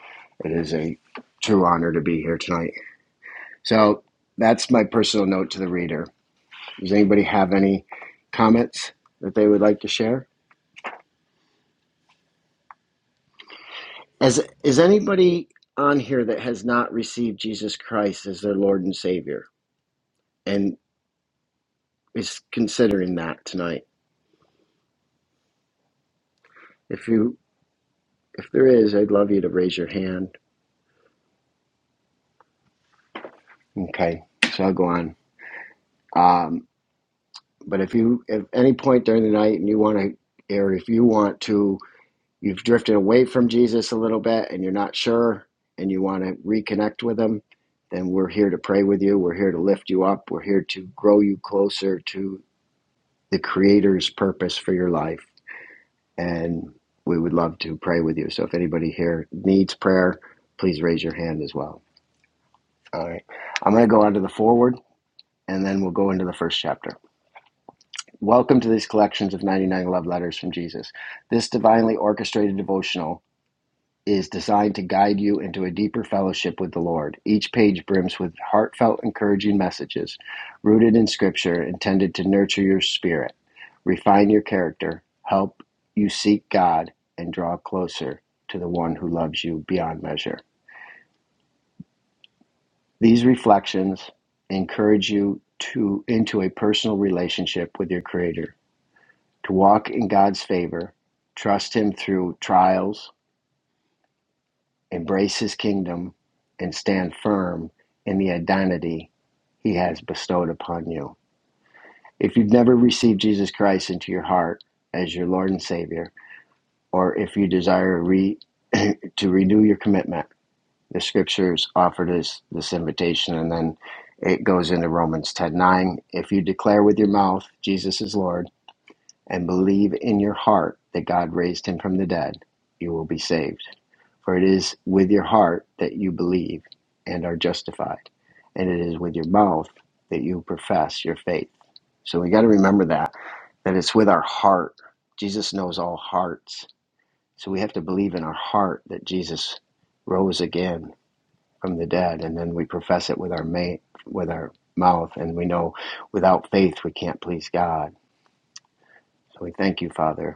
S1: It is a true honor to be here tonight. So that's my personal note to the reader. Does anybody have any comments that they would like to share? As is anybody on here that has not received Jesus Christ as their Lord and Savior? and is considering that tonight. If you if there is, I'd love you to raise your hand. Okay, so I'll go on. Um, but if you at any point during the night and you want to, or if you want to, you've drifted away from Jesus a little bit and you're not sure and you want to reconnect with him, then we're here to pray with you. We're here to lift you up. We're here to grow you closer to the Creator's purpose for your life. and we would love to pray with you. So if anybody here needs prayer, please raise your hand as well. All right. I'm going to go on to the forward and then we'll go into the first chapter. Welcome to these collections of 99 love letters from Jesus. This divinely orchestrated devotional is designed to guide you into a deeper fellowship with the Lord. Each page brims with heartfelt, encouraging messages rooted in Scripture intended to nurture your spirit, refine your character, help you seek God, and draw closer to the one who loves you beyond measure. These reflections encourage you to into a personal relationship with your creator, to walk in God's favor, trust him through trials, embrace his kingdom, and stand firm in the identity he has bestowed upon you. If you've never received Jesus Christ into your heart as your Lord and Savior, or if you desire re- to renew your commitment, the scriptures offer this, this invitation, and then it goes into Romans 10 9. If you declare with your mouth Jesus is Lord and believe in your heart that God raised him from the dead, you will be saved. For it is with your heart that you believe and are justified, and it is with your mouth that you profess your faith. So we got to remember that, that it's with our heart. Jesus knows all hearts. So we have to believe in our heart that Jesus rose again from the dead, and then we profess it with our ma- with our mouth, and we know without faith we can't please God. So we thank you, Father,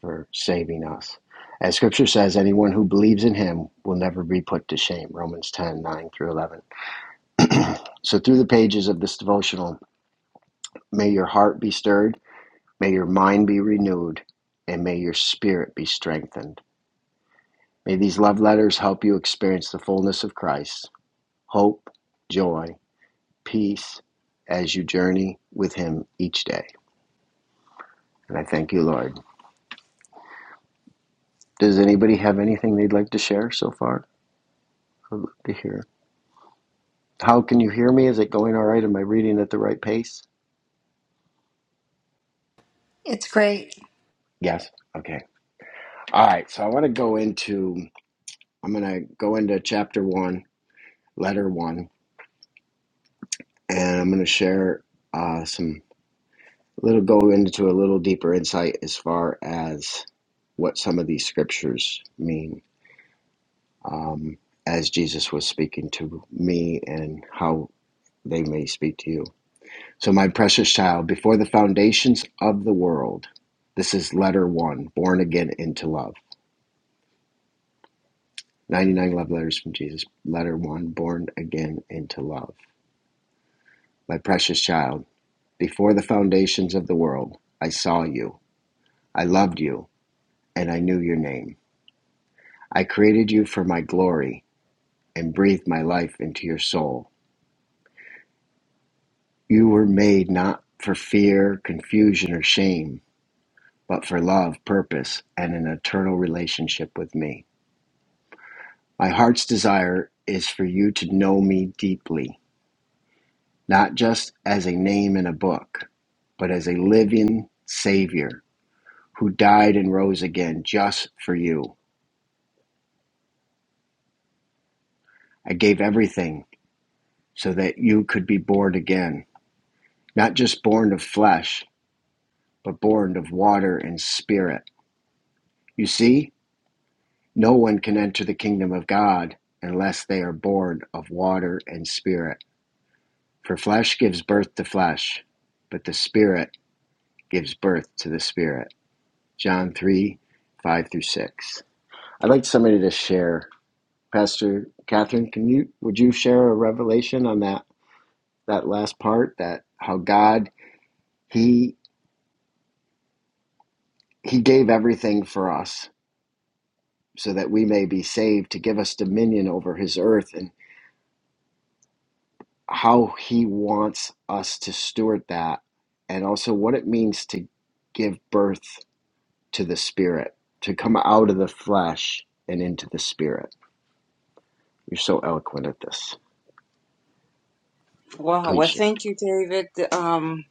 S1: for saving us. As scripture says, anyone who believes in him will never be put to shame. Romans 10 9 through 11. So, through the pages of this devotional, may your heart be stirred, may your mind be renewed, and may your spirit be strengthened. May these love letters help you experience the fullness of Christ, hope, joy, peace as you journey with him each day. And I thank you, Lord. Does anybody have anything they'd like to share so far? I'd love to hear. How can you hear me? Is it going all right? Am I reading at the right pace?
S3: It's great.
S1: Yes. Okay. All right. So I want to go into, I'm going to go into chapter one, letter one, and I'm going to share uh, some little, go into a little deeper insight as far as what some of these scriptures mean um, as Jesus was speaking to me and how they may speak to you. So, my precious child, before the foundations of the world, this is letter one, born again into love. 99 love letters from Jesus. Letter 1 Born again into love. My precious child, before the foundations of the world, I saw you, I loved you, and I knew your name. I created you for my glory and breathed my life into your soul. You were made not for fear, confusion, or shame, but for love, purpose, and an eternal relationship with me. My heart's desire is for you to know me deeply not just as a name in a book, but as a living Savior who died and rose again just for you. I gave everything so that you could be born again, not just born of flesh, but born of water and spirit. You see, no one can enter the kingdom of God unless they are born of water and spirit. For flesh gives birth to flesh, but the spirit gives birth to the spirit. John 3 5 through 6. I'd like somebody to share. Pastor Catherine, can you would you share a revelation on that that last part that how God he he gave everything for us so that we may be saved to give us dominion over his earth and how he wants us to steward that and also what it means to give birth to the spirit to come out of the flesh and into the spirit. You're so eloquent at this.
S9: Wow.
S1: Please.
S9: Well,
S1: share.
S9: thank you, David. Um,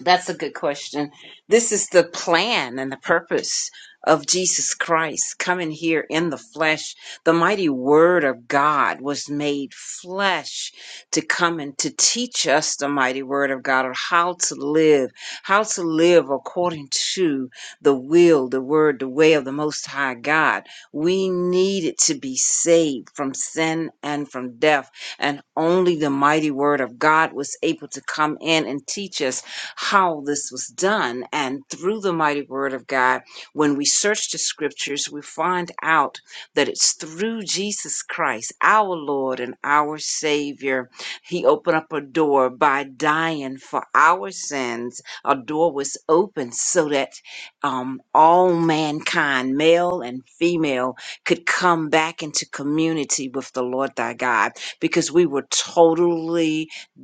S9: That's a good question. This is the plan and the purpose of Jesus Christ coming here in the flesh. The mighty word of God was made flesh to come and to teach us the mighty word of God or how to live, how to live according to the will, the word, the way of the most high God. We needed to be saved from sin and from death. And only the mighty word of God was able to come in and teach us how this was done. And through the mighty word of God, when we search the scriptures, we find out that it's through Jesus Christ, our Lord and our Savior. He opened up a door by dying for our sins. A door was opened so that um, all mankind, male and female, could come back into community with the Lord thy God because we were totally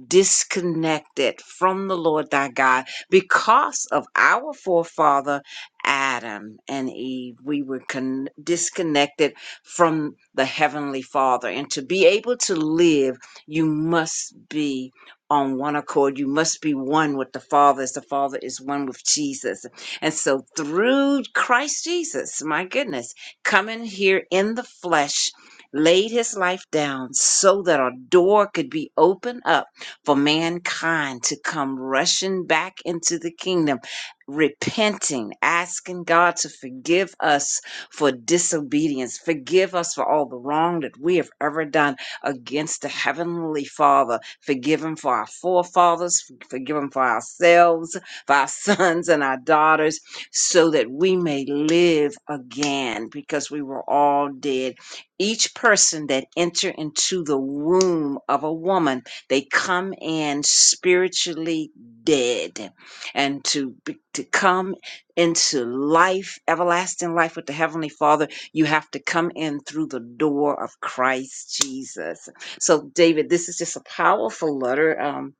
S9: disconnected from the Lord thy God because of our forefather Adam and Eve. We were con- disconnected from the Heavenly Father. And to be able to live, you must be on one accord. You must be one with the Father as the Father is one with Jesus. And so through Christ Jesus, my goodness, coming here in the flesh, laid his life down so that a door could be opened up for mankind to come rushing back into the kingdom, repenting, asking God to forgive us for disobedience, forgive us for all the wrong that we have ever done against the Heavenly Father, forgive Him for our forefathers, forgive Him for ourselves, for our sons and our daughters, so that we may live again because we were all dead each person that enter into the womb of a woman they come in spiritually dead and to be- to come into life, everlasting life with the heavenly Father, you have to come in through the door of Christ Jesus. So David, this is just a powerful letter. Um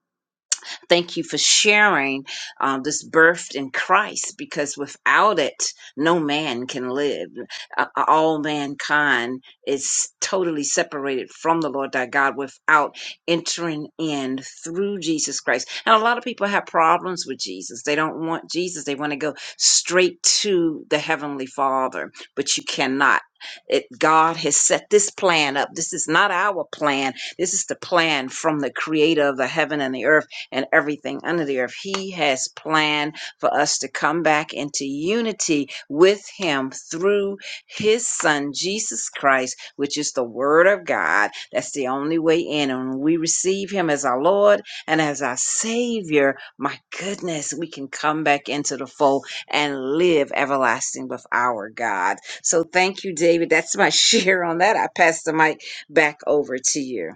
S9: Thank you for sharing um, this birth in Christ because without it, no man can live. Uh, all mankind is totally separated from the Lord thy God without entering in through Jesus Christ. And a lot of people have problems with Jesus. They don't want Jesus, they want to go straight to the Heavenly Father, but you cannot. It, God has set this plan up. This is not our plan. This is the plan from the creator of the heaven and the earth and everything under the earth. He has planned for us to come back into unity with Him through His Son, Jesus Christ, which is the Word of God. That's the only way in. And when we receive Him as our Lord and as our Savior, my goodness, we can come back into the fold and live everlasting with our God. So thank you, David. That's my share on that. I pass the mic back over to you.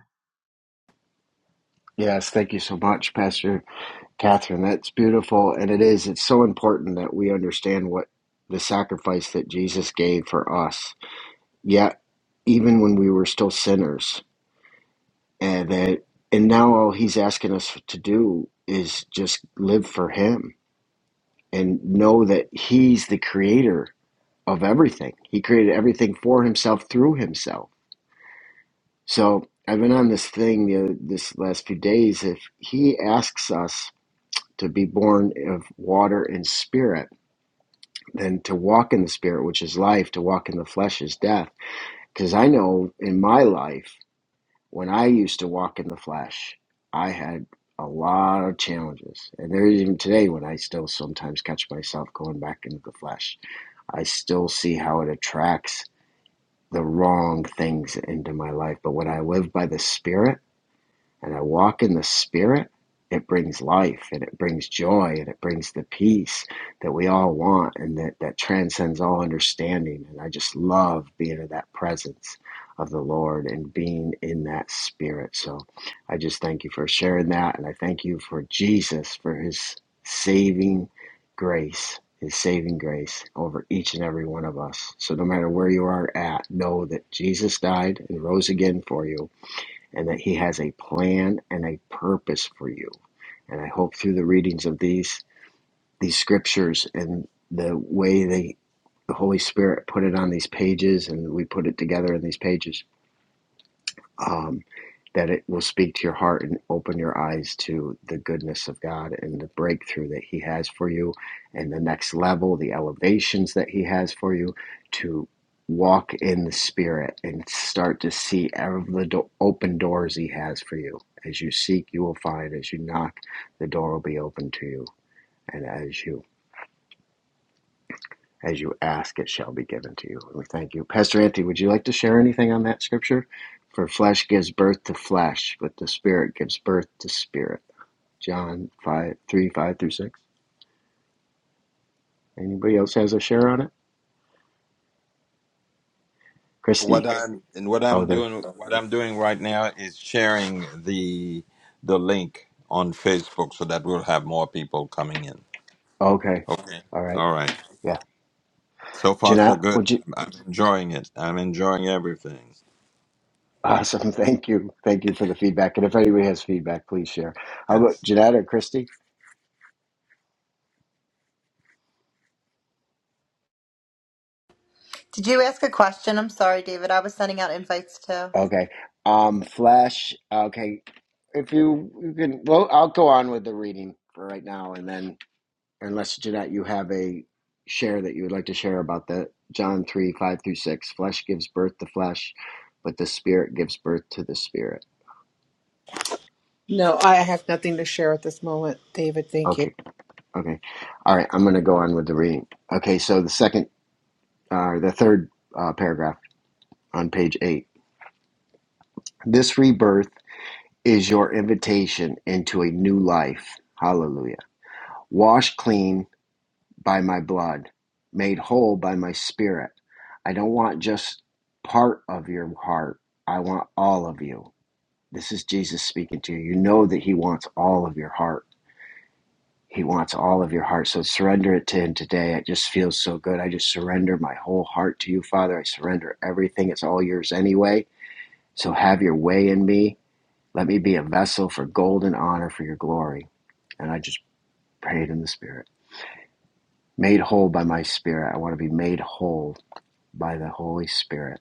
S1: Yes, thank you so much, Pastor Catherine, that's beautiful, and it is. It's so important that we understand what the sacrifice that Jesus gave for us. Yet, even when we were still sinners, and that, and now all He's asking us to do is just live for Him and know that He's the Creator of everything. He created everything for Himself through Himself. So I've been on this thing the other, this last few days. If He asks us to be born of water and Spirit than to walk in the spirit, which is life, to walk in the flesh is death. Because I know in my life, when I used to walk in the flesh, I had a lot of challenges. And there is even today when I still sometimes catch myself going back into the flesh. I still see how it attracts the wrong things into my life. But when I live by the spirit, and I walk in the Spirit, it brings life and it brings joy and it brings the peace that we all want and that, that transcends all understanding. And I just love being in that presence of the Lord and being in that Spirit. So I just thank you for sharing that. And I thank you for Jesus, for his saving grace. His saving grace over each and every one of us. So, no matter where you are at, know that Jesus died and rose again for you and that He has a plan and a purpose for you. And I hope through the readings of these these scriptures and the way they the Holy Spirit put it on these pages and we put it together in these pages um, that it will speak to your heart and open your eyes to the goodness of God and the breakthrough that He has for you, and the next level, the elevations that He has for you to walk in the Spirit and start to see all of the do- open doors He has for you. As you seek, you will find. As you knock, the door will be open to you. And as you as you ask, it shall be given to you. We thank you. Pastor Anthony, would you like to share anything on that scripture? For flesh gives birth to flesh, but the spirit gives birth to spirit. John 5 3 5 through 6. Anybody else has a share on it?
S10: What
S1: Christy?
S10: I'm and what
S1: Oh,
S10: I'm
S1: there.
S10: doing, what I'm doing right now is sharing the the link on Facebook so that we'll have more people coming in.
S1: Okay.
S10: Okay.
S1: All right.
S10: All right.
S1: Yeah.
S10: So far, so
S1: Jeanette,
S10: good.
S1: would you?
S10: I'm I'm enjoying it. I'm enjoying everything.
S1: Awesome. Thank you. Thank you for the feedback. And if anybody has feedback, please share. How about
S10: Yes.
S1: Jeanette or Christy?
S3: Did you ask a question? I'm sorry, David. I was sending out invites too.
S1: Okay. Um, Flash. Okay. If you you can, well, I'll go on with the reading for right now, and then unless Jeanette, you have a share that you would like to share about the John three five through six. Flesh gives birth to flesh, but the spirit gives birth to the spirit.
S11: No, I have nothing to share at this moment, David. Thank you.
S1: Okay. Okay. All right. I'm going to go on with the reading. Okay. So the second, uh, the third uh, paragraph on page eight. This rebirth is your invitation into a new life. Hallelujah. Wash clean by my blood, made whole by my spirit. I don't want just part of your heart. I want all of you. This is Jesus speaking to you. You know that he wants all of your heart. He wants all of your heart. So surrender it to him today. It just feels so good. I just surrender my whole heart to you, Father. I surrender everything. It's all yours anyway. So have your way in me. Let me be a vessel for gold and honor for your glory. And I just prayed in the Spirit. Made whole by my Spirit. I want to be made whole by the Holy Spirit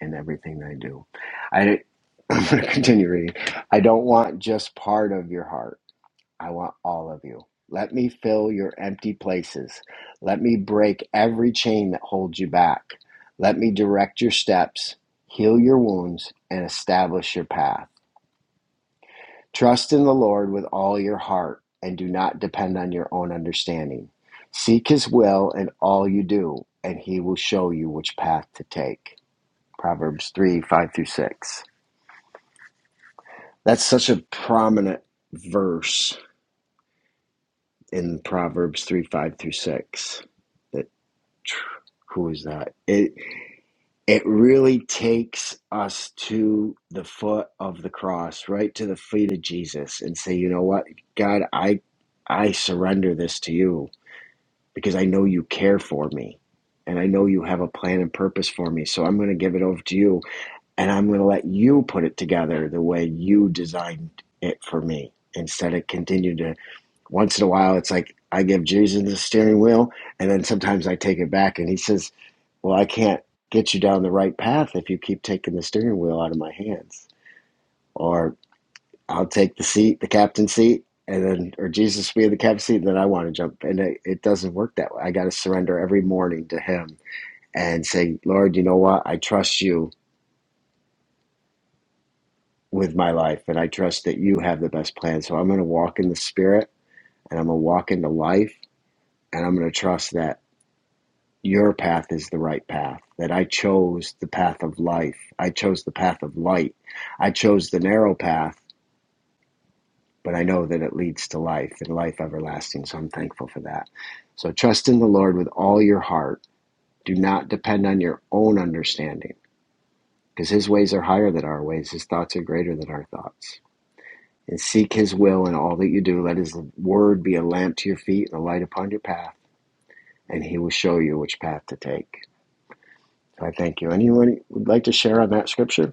S1: in everything I do. I, I'm going to continue reading. I don't want just part of your heart. I want all of you. Let me fill your empty places. Let me break every chain that holds you back. Let me direct your steps, heal your wounds, and establish your path. Trust in the Lord with all your heart and do not depend on your own understanding. Seek his will in all you do, and he will show you which path to take. Proverbs 3 5 through 6. That's such a prominent verse in Proverbs 3 5 through 6. That, who is that? It, it really takes us to the foot of the cross, right to the feet of Jesus, and say, you know what, God, I, I surrender this to you because I know you care for me and I know you have a plan and purpose for me. So I'm going to give it over to you and I'm going to let you put it together the way you designed it for me instead of continue to once in a while it's like I give Jesus the steering wheel and then sometimes I take it back and he says, "Well, I can't get you down the right path if you keep taking the steering wheel out of my hands." Or I'll take the seat, the captain seat, and then or Jesus will be in the captain seat and then I want to jump and it, it doesn't work that way. I got to surrender every morning to him and say, "Lord, you know what? I trust you with my life. And I trust that you have the best plan. So I'm going to walk in the spirit and I'm going to walk into life and I'm going to trust that your path is the right path, that I chose the path of life. I chose the path of light. I chose the narrow path, but I know that it leads to life and life everlasting. So I'm thankful for that. So trust in the Lord with all your heart. Do not depend on your own understanding because his ways are higher than our ways, his thoughts are greater than our thoughts. and seek his will in all that you do. Let his word be a lamp to your feet and a light upon your path, and he will show you which path to take. So I thank you. Anyone would like to share on that scripture?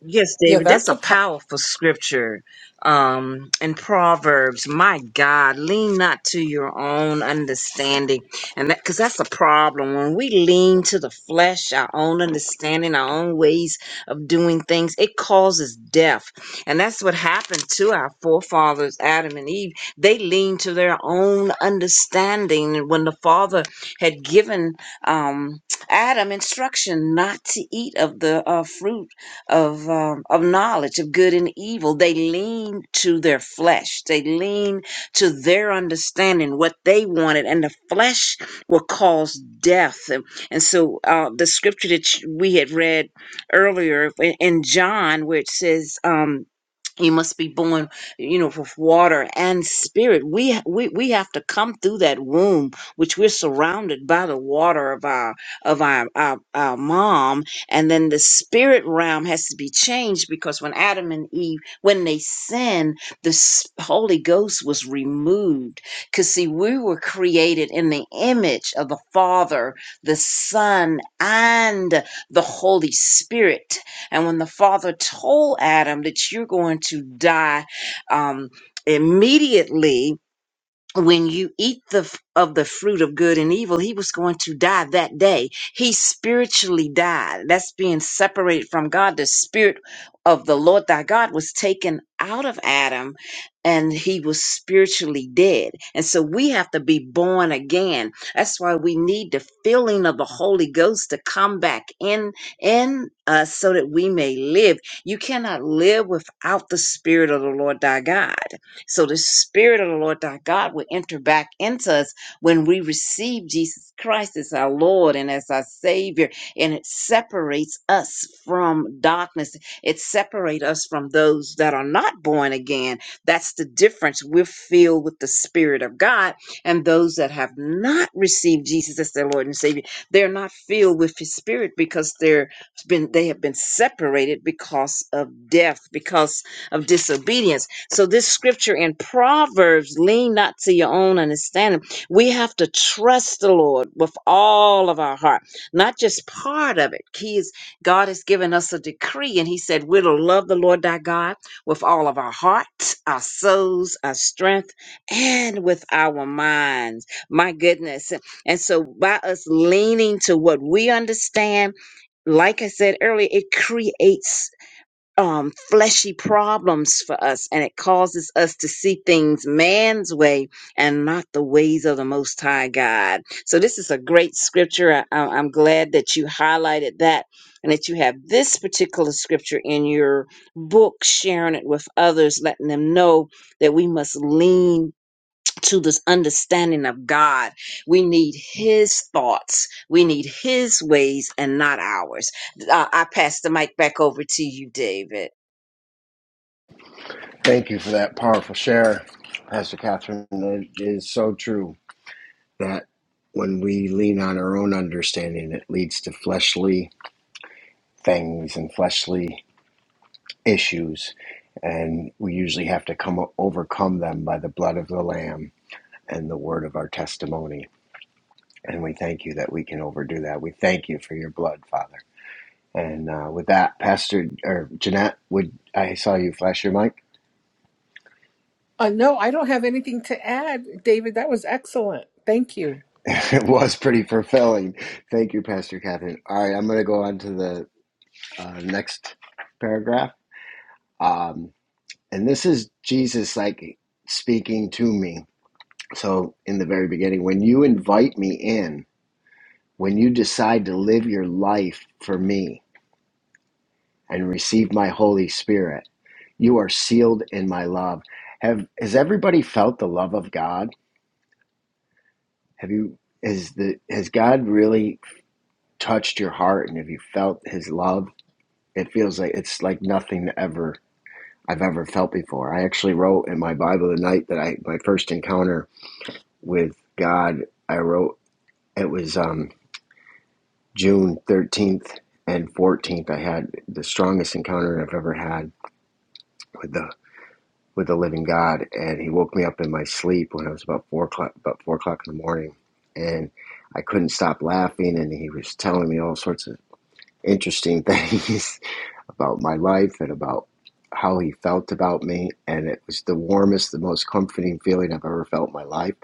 S9: Yes,
S11: Yeah,
S9: David, that's
S11: that's
S9: a
S11: a. po-
S9: powerful scripture um, in Proverbs. My God, lean not to your own understanding, and that because that's a problem when we lean to the flesh, our own understanding, our own ways of doing things, it causes death, and that's what happened to our forefathers, Adam and Eve. They leaned to their own understanding and when the Father had given um, Adam instruction not to eat of the uh, fruit of um, of knowledge of good and evil. They lean to their flesh. They lean to their understanding what they wanted, and the flesh will cause death. And, and so uh, the scripture that you- we had read earlier in in John, where it says. Um, you must be born you know with water and spirit we ha- we we have to come through that womb which we're surrounded by the water of our of our our, our mom and then the spirit realm has to be changed because when adam and eve when they sinned the s- holy ghost was removed because see we were created in the image of the father the son and the holy spirit and when the Father told Adam that you're going to die um, immediately, when you eat the f- of the fruit of good and evil he was going to die that day he spiritually died that's being separated from god the spirit of the lord thy god was taken out of adam and he was spiritually dead and so we have to be born again that's why we need the filling of the holy ghost to come back in in us so that we may live you cannot live without the spirit of the lord thy god so the Spirit of the Lord our God will enter back into us when we receive Jesus Christ as our Lord and as our Savior. And it separates us from darkness. It separates us from those that are not born again. That's the difference. We're filled with the Spirit of God, and those that have not received Jesus as their Lord and Savior, they're not filled with His Spirit because they're been they have been separated because of death, because of disobedience. So this scripture in Proverbs, lean not to your own understanding. We have to trust the Lord with all of our heart, not just part of it. He is, God has given us a decree and he said, we're to love the Lord thy God with all of our heart, our souls, our strength, and with our minds. My goodness. And so by us leaning to what we understand, like I said earlier, it creates um, fleshy problems for us, and it causes us to see things man's way and not the ways of the Most High God. So, this is a great scripture. I, I- I'm glad that you highlighted that and that you have this particular scripture in your book, sharing it with others, letting them know that we must lean. To this understanding of God, we need His thoughts, we need His ways, and not ours. Uh, I pass the mic back over to you, David.
S1: Thank you for that powerful share, Pastor Catherine. It is so true that when we lean on our own understanding, it leads to fleshly things and fleshly issues. And we usually have to come overcome them by the blood of the Lamb and the word of our testimony. And we thank you that we can overdo that. We thank you for your blood, Father. And uh, with that, Pastor or Jeanette, would I saw you flash your mic?
S11: Uh, no, I don't have anything to add, David. That was excellent. Thank you.
S1: it was pretty fulfilling. Thank you, Pastor Catherine. All right, I'm going to go on to the uh, next paragraph. Um, and this is Jesus like speaking to me. So in the very beginning, when you invite me in, when you decide to live your life for me and receive my Holy Spirit. You are sealed in my love. Have has everybody felt the love of God? Have you has the has God really touched your heart and have you felt his love? It feels like it's like nothing ever I've ever felt before. I actually wrote in my Bible the night that I my first encounter with God, I wrote it was um June thirteenth and fourteenth. I had the strongest encounter I've ever had with the. with the living God, and He woke me up in my sleep when it was about four o'clock, about four o'clock in the morning, and I couldn't stop laughing, and He was telling me all sorts of interesting things about my life and about how He felt about me, and it was the warmest, the most comforting feeling I've ever felt in my life.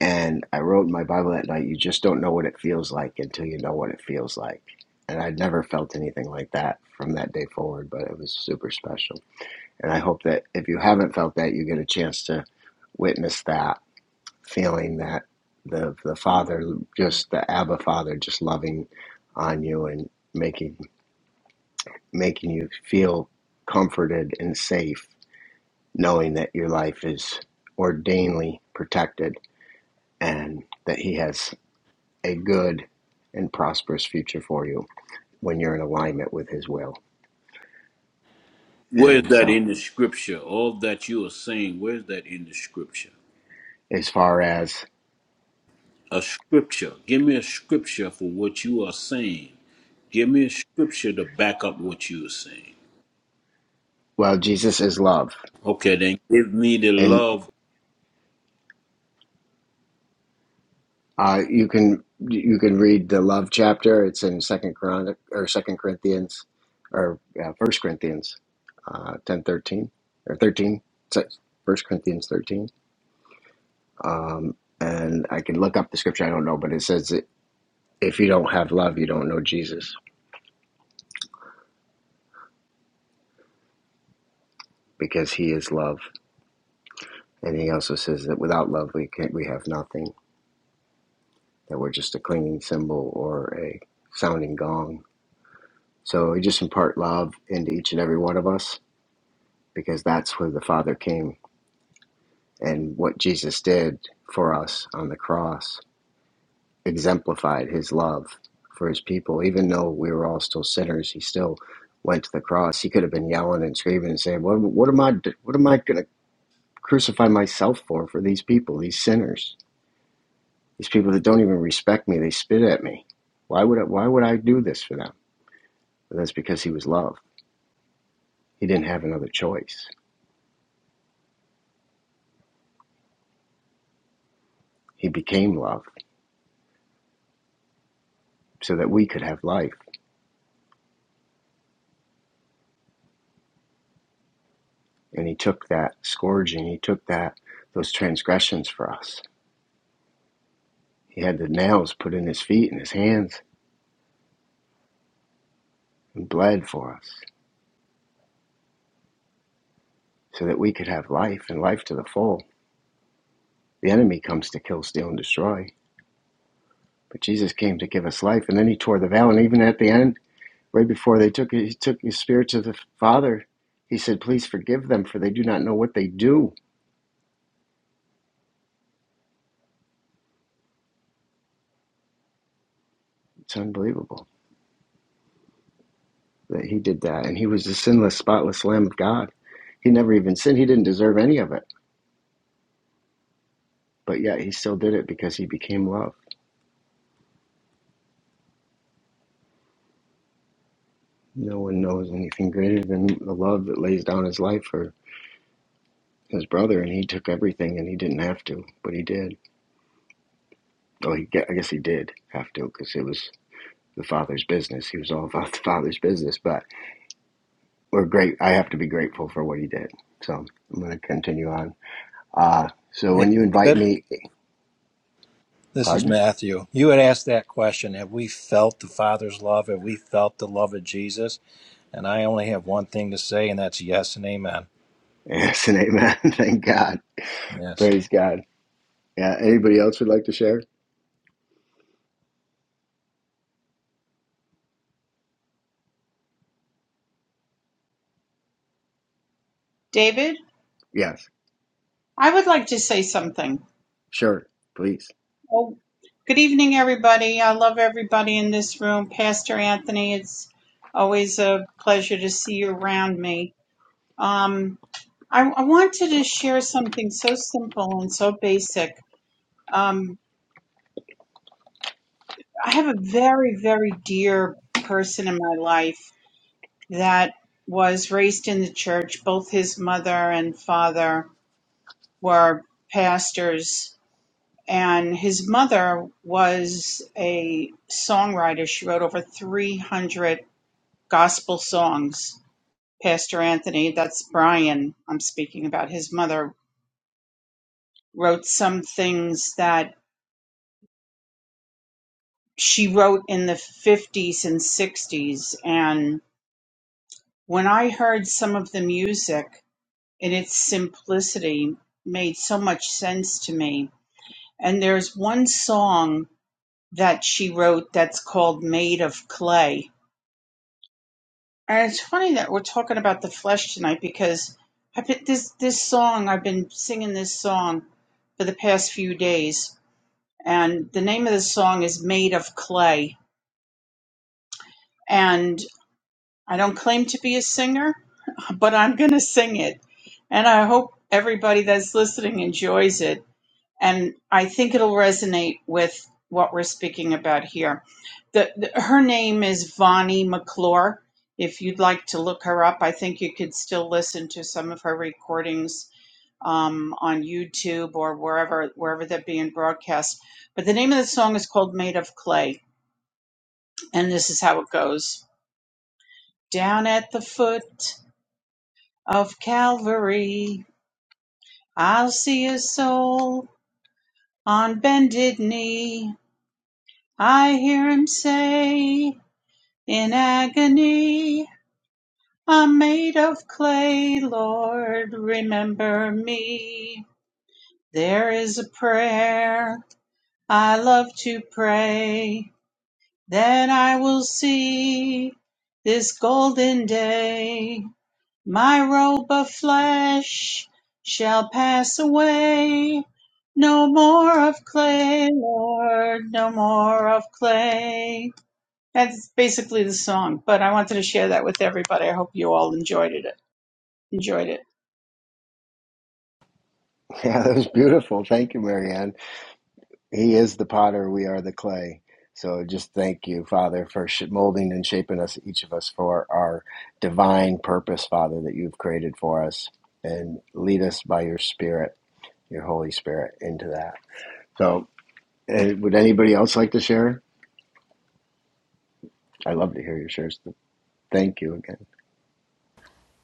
S1: And I wrote in my Bible that night, "You just don't know what it feels like until you know what it feels like." And I'd never felt anything like that from that day forward, but it was super special. And I hope that if you haven't felt that, you get a chance to witness that feeling that the the Father, just the Abba Father, just loving on you and making making you feel comforted and safe, knowing that your life is ordainedly protected and that He has a good and prosperous future for you when you're in alignment with His will.
S12: Where's
S1: And
S12: that
S1: so,
S12: in the scripture? All that you are saying, where's that in the scripture?
S1: as far as
S12: A scripture. Give me a scripture for what you are saying. Give me a scripture to back up what you are saying.
S1: well, Jesus is love
S12: Okay, then give me the
S1: and.
S12: love
S1: Uh, you can you can read the love chapter. It's in Second Chronic or Second Corinthians or yeah, First Corinthians uh, ten thirteen or thirteen. It's First Corinthians thirteen. Um, and I can look up the scripture. I don't know, but it says that if you don't have love, you don't know Jesus because He is love. And He also says that without love, we can't we have nothing. That we're just a clinging cymbal or a sounding gong. So He just impart love into each and every one of us because that's where the Father came. And what Jesus did for us on the cross exemplified his love for his people. Even though we were all still sinners, he still went to the cross. He could have been yelling and screaming and saying, "What, what am I? What am I going to crucify myself for? For these people, these sinners, these people that don't even respect me, they spit at me. Why would I, Why would I do this for them?" But that's because he was love. He didn't have another choice. He became love so that we could have life and he took that scourging he took that those transgressions for us he had the nails put in his feet and his hands and bled for us so that we could have life and life to the full the enemy comes to kill steal and destroy but jesus came to give us life and then he tore the veil and even at the end right before they took it he took his spirit to the father he said please forgive them for they do not know what they do it's unbelievable that he did that and he was the sinless spotless lamb of god he never even sinned he didn't deserve any of it But yet he still did it because he became love. No one knows anything greater than the love that lays down his life for his brother, and he took everything, and he didn't have to, but he did. Well, he I guess he did have to because it was the father's business. He was all about the father's business. But we're great. I have to be grateful for what he did. So I'm going to continue on. Uh, so
S13: Hey,
S1: when you invite
S13: David,
S1: me,
S13: this is
S1: pardon?
S13: Matthew. You had asked that question Have we felt the Father's love? Have we felt the love of Jesus? And I only have one thing to say, and that's yes and amen.
S1: Yes, and amen. Thank God.
S13: Yes.
S1: Praise God. Yeah. Anybody else would like to share?
S14: David,
S1: Yes.
S14: I would like to say something.
S1: Sure. Please.
S14: Oh, good evening, everybody. I love everybody in this room. Pastor Anthony, it's always a pleasure to see you around me. Um, I, I wanted to share something so simple and so basic. Um, I have a very, very dear person in my life that was raised in the church. Both his mother and father were pastors And his mother was a songwriter. She wrote over 300 gospel songs. Pastor Anthony, that's Brian, I'm speaking about his mother, wrote some things that she wrote in the 50s and 60s. And when I heard some of the music in its simplicity, made so much sense to me. And there's one song that she wrote that's called Made of Clay And it's funny that we're talking about the flesh tonight because I've this this song I've been singing this song for the past few days, and the name of the song is "Made of Clay." And I don't claim to be a singer, but I'm gonna sing it, and I hope everybody that's listening enjoys it. and I think it'll resonate with what we're speaking about here. The, the her name is Vonnie McClure. If you'd like to look her up, I think you could still listen to some of her recordings um, on YouTube or wherever wherever they're being broadcast. But the name of the song is called "Made of Clay," and this is how it goes: Down at the foot of Calvary, I'll see a soul on bended knee. I hear him say. In agony, I'm made of clay, Lord, remember me. There is a prayer I love to pray, then I will see this golden day. My robe of flesh shall pass away. No more of clay, Lord, no more of clay. That's basically the song, but I wanted to share that with everybody. I hope you all enjoyed it. Enjoyed it.
S1: Yeah, that was beautiful. Thank you, Marianne. He is the potter, we are the clay. So just thank you, Father, for sh- molding and shaping us, each of us, for our divine purpose, Father, that you've created for us. And lead us by your Spirit, your Holy Spirit, into that. So, uh, would anybody else like to share? I love to hear your shares. Thank you again.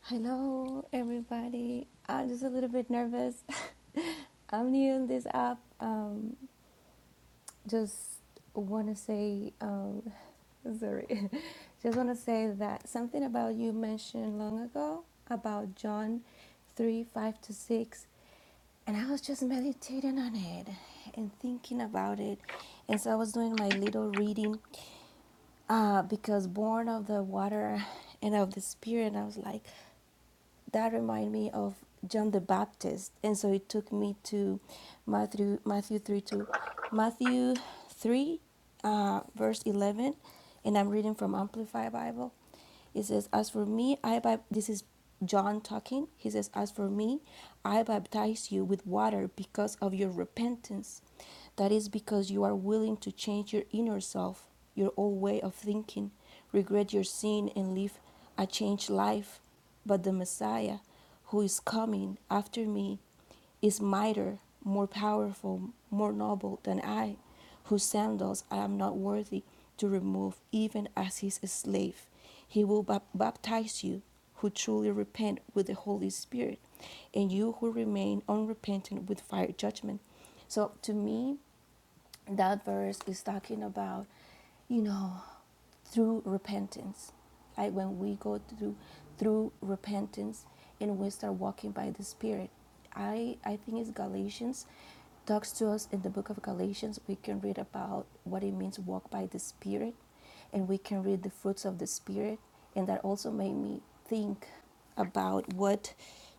S15: Hello, everybody. I'm just a little bit nervous. I'm new in this app. Um, just want to say, um, sorry, just want to say that something about you mentioned long ago about John 3 5 to 6. And I was just meditating on it and thinking about it. And so I was doing my little reading uh, because born of the water and of the spirit. And I was like, that reminded me of John the Baptist, and so it took me to Matthew Matthew three to Matthew three, uh, verse eleven, and I'm reading from Amplified Bible. He says, As for me, I bap- this is John talking. He says, As for me, I baptize you with water because of your repentance. That is because you are willing to change your inner self, your old way of thinking, regret your sin, and live a changed life. But the Messiah, who is coming after me, is mightier, more powerful, more noble than I, whose sandals I am not worthy to remove, even as his slave. He will baptize you who truly repent with the Holy Spirit, and you who remain unrepentant with fire judgment. So to me, that verse is talking about, you know, through repentance. Like when we go through through repentance and we start walking by the Spirit. I I think it's Galatians talks to us in the book of Galatians. We can read about what it means to walk by the Spirit and we can read the fruits of the Spirit. And that also made me think about what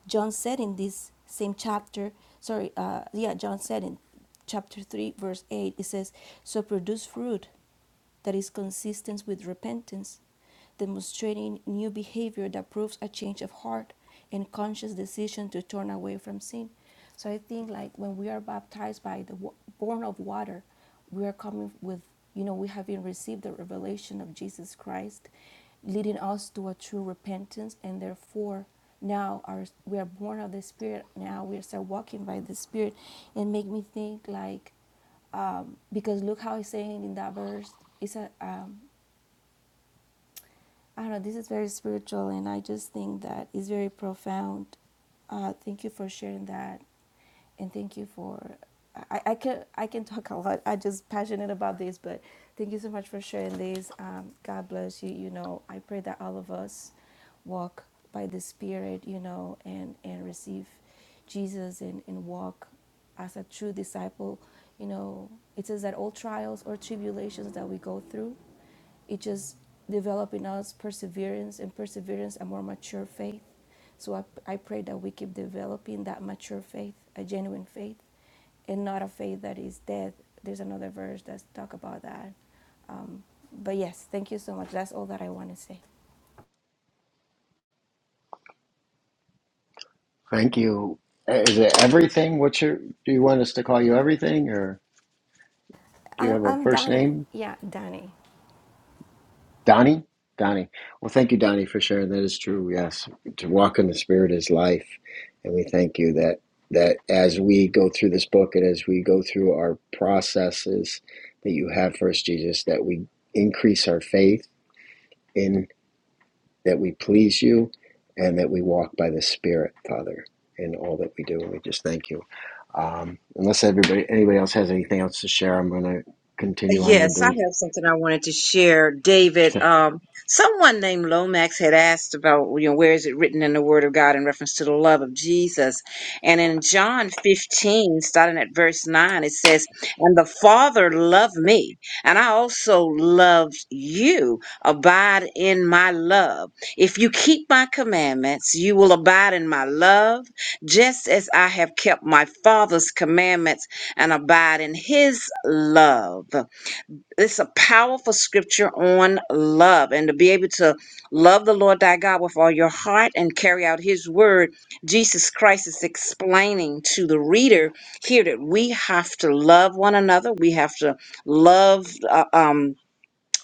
S15: John said in this same chapter. Sorry, uh, yeah, John said in chapter 3, verse 8, it says, So produce fruit that is consistent with repentance, demonstrating new behavior that proves a change of heart and conscious decision to turn away from sin. So I think like when we are baptized by the wa- born of water, we are coming with you know we having received the revelation of Jesus Christ, leading us to a true repentance, and therefore now our we are born of the Spirit. Now we are start walking by the Spirit, and make me think like um, because look how he's saying in that verse it's a um, I don't know, this is very spiritual, and I just think that it's very profound. Uh, thank you for sharing that, and thank you for. I, I can I can talk a lot. I'm just passionate about this, but thank you so much for sharing this. Um, God bless you. You know, I pray that all of us walk by the Spirit. You know, and and receive Jesus and and walk as a true disciple. You know, it says that all trials or tribulations that we go through it just developed in us perseverance and perseverance a more mature faith. So I, I pray that we keep developing that mature faith, a genuine faith, and not a faith that is dead. There's another verse that's talk about that. Um, but yes, thank you so much. That's all that I want to say.
S1: Thank you. Uh, Is it everything? What's your? Do you want us to call you everything, or do you
S15: I'm,
S1: have a
S15: I'm
S1: first
S15: Danny.
S1: name?
S15: Yeah, Danny.
S1: Donnie? Donnie. Well, thank you, Donnie, for sharing. That is true. Yes. To walk in the Spirit is life. And we thank you that, that as we go through this book and as we go through our processes that you have for us, Jesus, that we increase our faith in that we please you and that we walk by the Spirit, Father, in all that we do. And we just thank you. Um, unless everybody, anybody else has anything else to share, I'm going to continue on with
S9: Yes, I
S1: the.
S9: have something I wanted to share, David. Um, someone named Lomax had asked about, you know, where is it written in the Word of God in reference to the love of Jesus? And in John 15, starting at verse 9, it says, And the Father loved me, and I also loved you. Abide in my love. If you keep my commandments, you will abide in my love, just as I have kept my Father's commandments and abide in his love it's a powerful scripture on love and to be able to love the Lord thy God with all your heart and carry out his word. Jesus Christ is explaining to the reader here that we have to love one another. We have to love uh, um,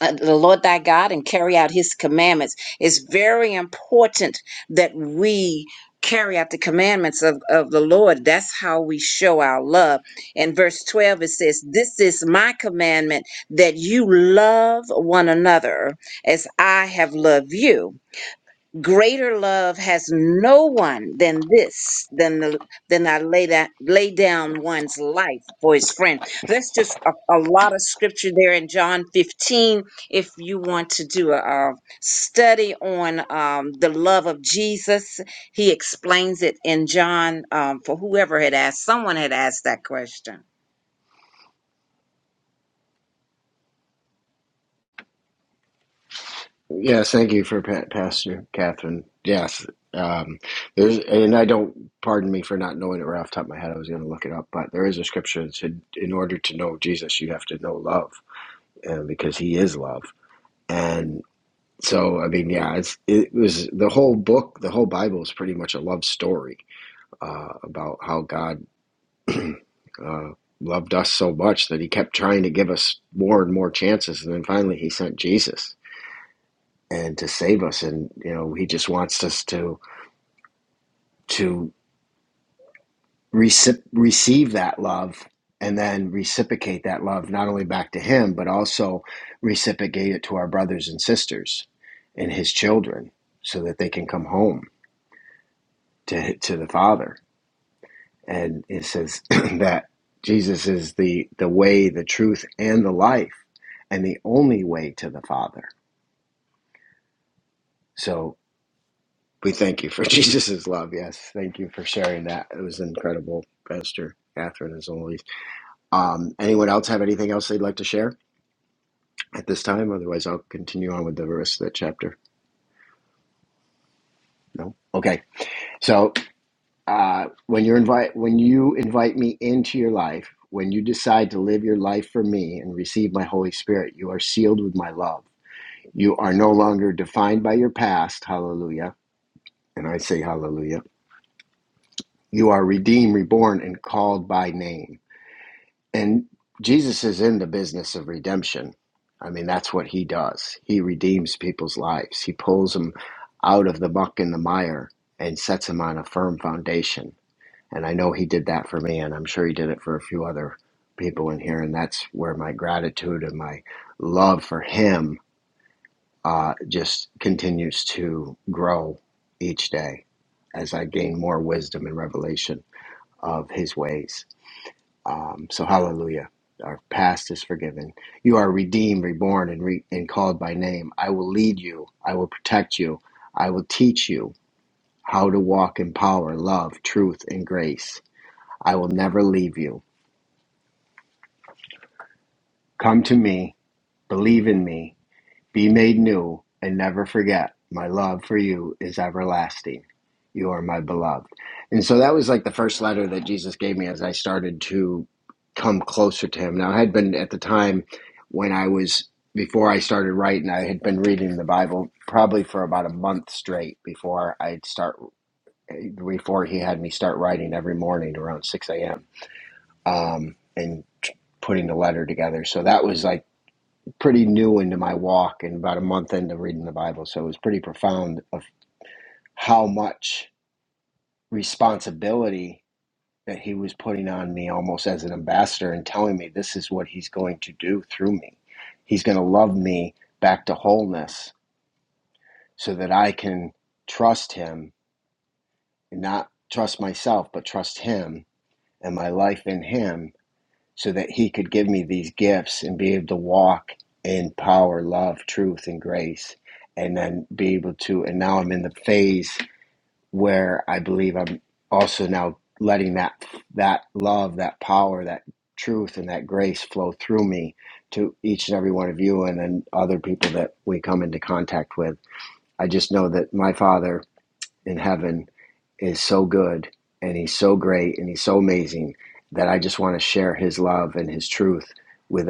S9: uh, the Lord thy God and carry out his commandments. It's very important that we carry out the commandments of, of the Lord. That's how we show our love. In verse 12, it says, This is my commandment that you love one another as I have loved you greater love has no one than this than the than i lay that lay down one's life for his friend that's just a, a lot of scripture there in john 15 if you want to do a, uh study on um, the love of jesus he explains it in john um, for whoever had asked someone had asked that question
S1: Yes, thank you for pa- Pastor Catherine. Yes, um, there's, and I don't pardon me for not knowing it right off the top of my head. I was going to look it up, but there is a scripture that said, "In order to know Jesus, you have to know love, and because He is love." And so, I mean, yeah, it's it was the whole book, the whole Bible is pretty much a love story uh, about how God uh, loved us so much that He kept trying to give us more and more chances, and then finally He sent Jesus and to save us and you know he just wants us to to receive receive that love and then reciprocate that love not only back to him but also reciprocate it to our brothers and sisters and his children so that they can come home to to the father and it says that Jesus is the the way the truth and the life and the only way to the father so We thank you for Jesus' love. Yes, thank you for sharing that. It was incredible, Pastor Catherine, as always. Um, anyone else have anything else they'd like to share at this time? Otherwise, I'll continue on with the rest of that chapter. No. Okay. So uh, when you invite when you invite me into your life, when you decide to live your life for me and receive my Holy Spirit, you are sealed with my love. You are no longer defined by your past. Hallelujah. And I say hallelujah. You are redeemed, reborn, and called by name. And Jesus is in the business of redemption. I mean, that's what he does. He redeems people's lives, he pulls them out of the muck and the mire and sets them on a firm foundation. And I know he did that for me, and I'm sure he did it for a few other people in here. And that's where my gratitude and my love for him uh, just continues to grow each day as I gain more wisdom and revelation of his ways. Um, so hallelujah. Our past is forgiven. You are redeemed, reborn, and, re- and called by name. I will lead you. I will protect you. I will teach you how to walk in power, love, truth, and grace. I will never leave you. Come to me. Believe in me. Be made new and never forget. My love for you is everlasting. You are my beloved. And so that was like the first letter that Jesus gave me as I started to come closer to him. Now, I had been at the time when I was, before I started writing, I had been reading the Bible probably for about a month straight before I'd start, before he had me start writing every morning around 6 a.m. Um, and putting the letter together. So that was like, pretty new into my walk and about a month into reading the Bible. So it was pretty profound of how much responsibility that he was putting on me almost as an ambassador and telling me this is what he's going to do through me. He's going to love me back to wholeness so that I can trust him and not trust myself, but trust him and my life in him so that he could give me these gifts and be able to walk in power, love, truth, and grace, and then be able to. And now I'm in the phase where I believe I'm also now letting that that love, that power, that truth, and that grace flow through me to each and every one of you, and then other people that we come into contact with. I just know that my father in heaven is so good and he's so great and he's so amazing that I just want to share his love and his truth with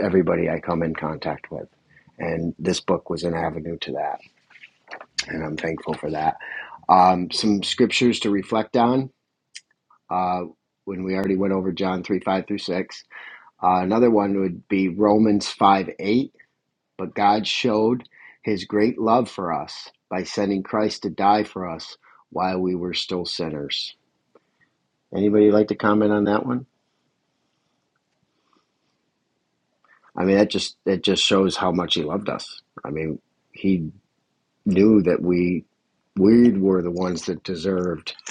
S1: everybody I come in contact with. And this book was an avenue to that, and I'm thankful for that. Um, some scriptures to reflect on uh, when we already went over John 3 5 through 6. Uh, another one would be Romans 5 8. But God showed his great love for us by sending Christ to die for us while we were still sinners Anybody like to comment on that one? I mean, that just that just shows how much he loved us. I mean, he knew that we we were the ones that deserved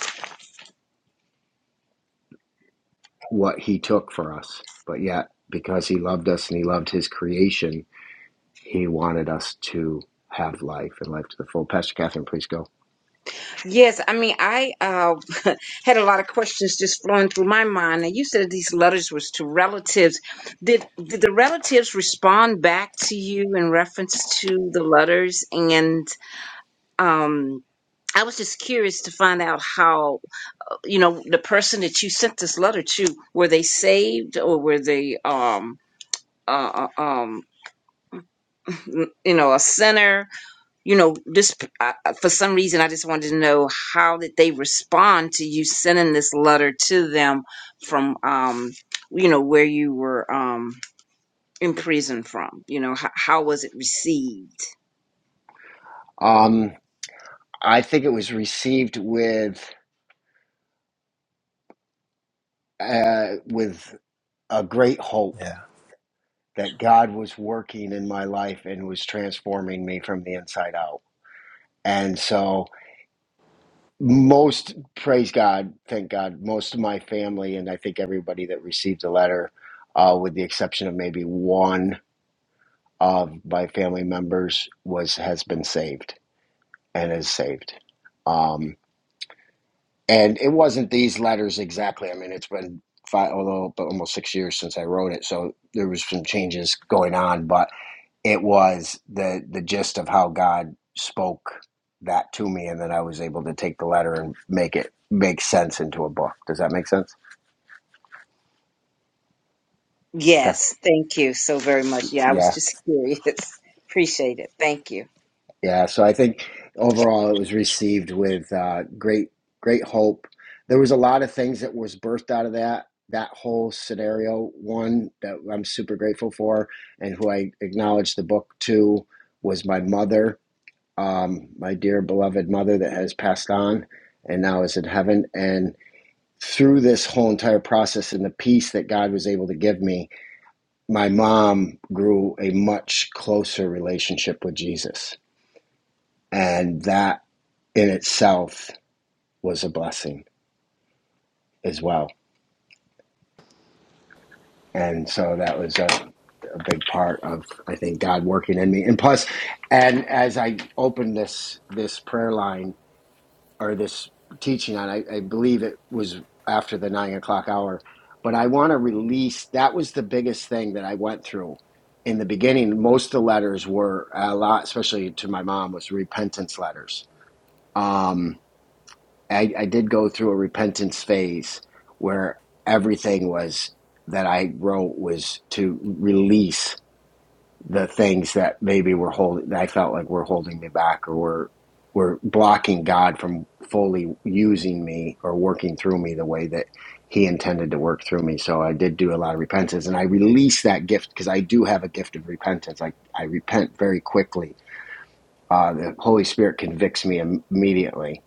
S1: what he took for us, but yet because he loved us and he loved his creation, he wanted us to have life and life to the full. Pastor Catherine, please go.
S9: Yes, I mean, I uh, had a lot of questions just flowing through my mind. And you said these letters was to relatives. Did did the relatives respond back to you in reference to the letters? And um, I was just curious to find out how, you know, the person that you sent this letter to, were they saved or were they, um, uh, uh, um, you know, a sinner? you know, this uh, uh, for some reason I just wanted to know how did they respond to you sending this letter to them from, um, you know, where you were um, in prison from. You know, how, how was it received?
S1: Um, I think it was received with uh, with a great hope
S13: Yeah.
S1: that God was working in my life and was transforming me from the inside out And so, most praise God, thank God, most of my family, and I think everybody that received the letter, uh, with the exception of maybe one of my family members, was has been saved and is saved. Um, and it wasn't these letters exactly. I mean, it's been five, although almost six years since I wrote it, so there was some changes going on, but It was the the gist of how God spoke that to me, and then I was able to take the letter and make it make sense into a book. Does that make sense?
S9: Yes, thank you so very much. Yeah, I was
S1: Yeah,
S9: just curious. Appreciate it. Thank you.
S1: yeah. So I think overall it was received with uh, great great hope. There was a lot of things that was birthed out of that that whole scenario. One that I'm super grateful for, and who I acknowledged the book to was my mother um, my dear beloved mother that has passed on and now is in heaven. And through this whole entire process and the peace that God was able to give me, my mom grew a much closer relationship with Jesus. And that in itself was a blessing as well. And so that was a, a big part of, I think, God working in me. And plus, and as I opened this this prayer line or this teaching on. I, I believe it was after the nine o'clock hour, but I want to release. That was the biggest thing that I went through in the beginning. Most of the letters were a lot, especially to my mom, was repentance letters. Um, I, I did go through a repentance phase where everything was that I wrote was to release the things that maybe were holding that I felt like were holding me back or were were blocking God from fully using me or working through me the way that he intended to work through me. So I did do a lot of repentance and I released that gift because I do have a gift of repentance. I, I repent very quickly. Uh, the Holy Spirit convicts me im- immediately.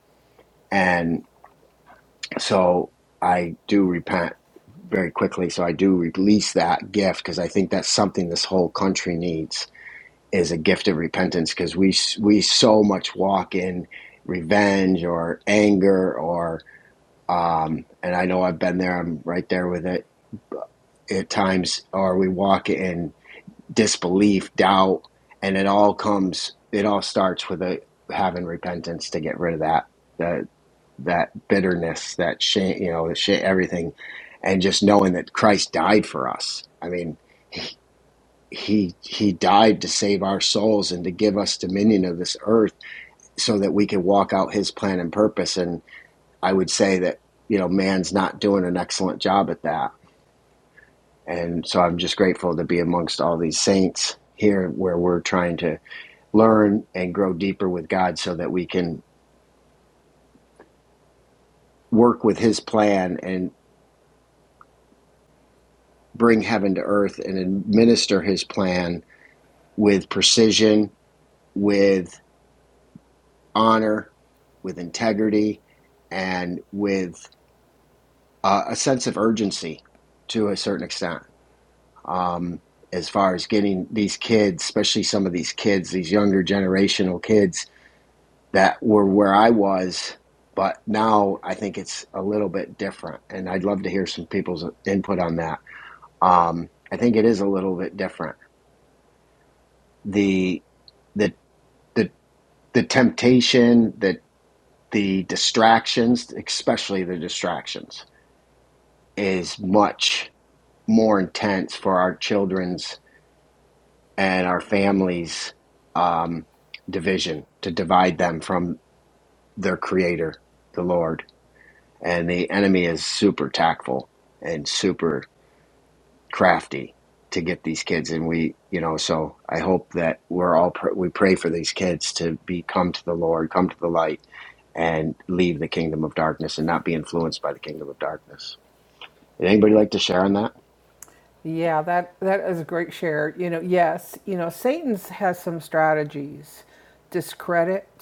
S1: And so I do repent very quickly. So I do release that gift because I think that's something this whole country needs is a gift of repentance because we we so much walk in revenge or anger or um, and I know I've been there. I'm right there with it at times. Or we walk in disbelief, doubt, and it all comes. It all starts with a having repentance to get rid of that that that bitterness, that shame, you know, the shit, everything, and just knowing that Christ died for us. I mean he he died to save our souls and to give us dominion of this earth so that we could walk out his plan and purpose and i would say that you know man's not doing an excellent job at that and so i'm just grateful to be amongst all these saints here where we're trying to learn and grow deeper with god so that we can work with his plan and bring heaven to earth and administer his plan with precision with honor, with integrity, and with uh, a sense of urgency to a certain extent. Um, as far as getting these kids, especially some of these kids, these younger generational kids that were where I was, but now I think it's a little bit different. And I'd love to hear some people's input on that. Um, I think it is a little bit different. The the the the temptation, the the distractions, especially the distractions is much more intense for our children's and our families' um, division to divide them from their Creator, the Lord. And the enemy is super tactful and super crafty to get these kids. And we, you know, so I hope that we're all pr- we pray for these kids to be come to the Lord, come to the light, and leave the kingdom of darkness and not be influenced by the kingdom of darkness. Would anybody like to share on that?
S11: Yeah, that that is a great share. You know, yes, you know, Satan's has some strategies: discredit,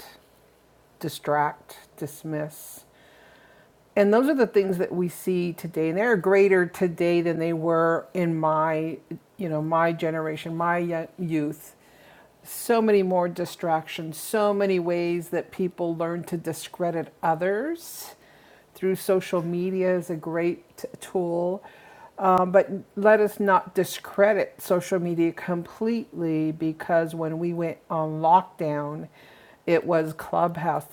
S11: distract, dismiss, and those are the things that we see today. And they're greater today than they were in my, you know, my generation, my youth so many more distractions, so many ways that people learn to discredit others through social media is a great tool. Um, but let us not discredit social media completely because when we went on lockdown, it was Clubhouse,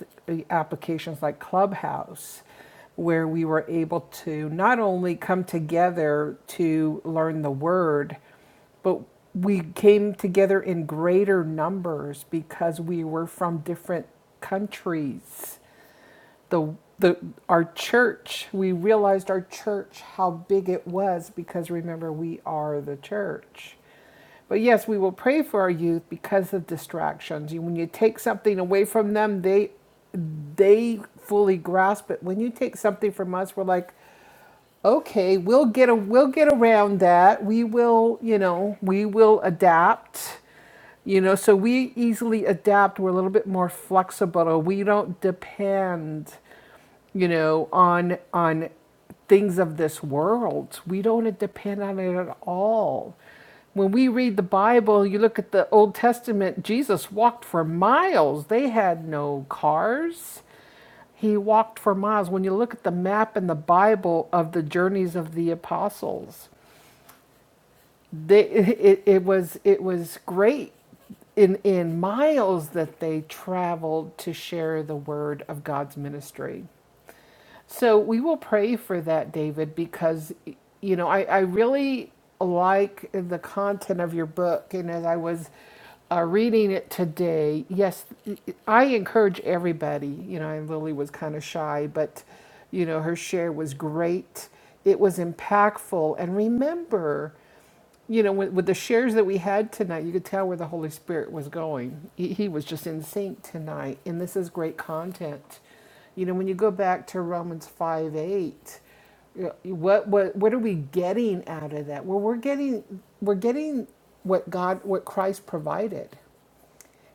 S11: applications like Clubhouse, where we were able to not only come together to learn the word, but we came together in greater numbers because we were from different countries the the our church we realized our church how big it was because remember we are the church but yes we will pray for our youth because of distractions when you take something away from them they they fully grasp it when you take something from us we're like okay we'll get a we'll get around that we will you know we will adapt you know so we easily adapt we're a little bit more flexible we don't depend you know on on things of this world we don't depend on it at all when we read the bible you look at the old testament jesus walked for miles they had no cars he walked for miles. When you look at the map in the Bible of the journeys of the apostles, they, it, it, was, it was great in, in miles that they traveled to share the word of God's ministry. So we will pray for that, David, because, you know, I, I really like the content of your book. And as I was uh, reading it today, yes, I encourage everybody, you know, and Lily was kind of shy, but, you know, her share was great. It was impactful. And remember, you know, with, with the shares that we had tonight, you could tell where the Holy Spirit was going. He, he was just in sync tonight, and this is great content. You know, when you go back to Romans 5 8, you know, what, what, what are we getting out of that? Well, we're getting, we're getting what God, what Christ provided.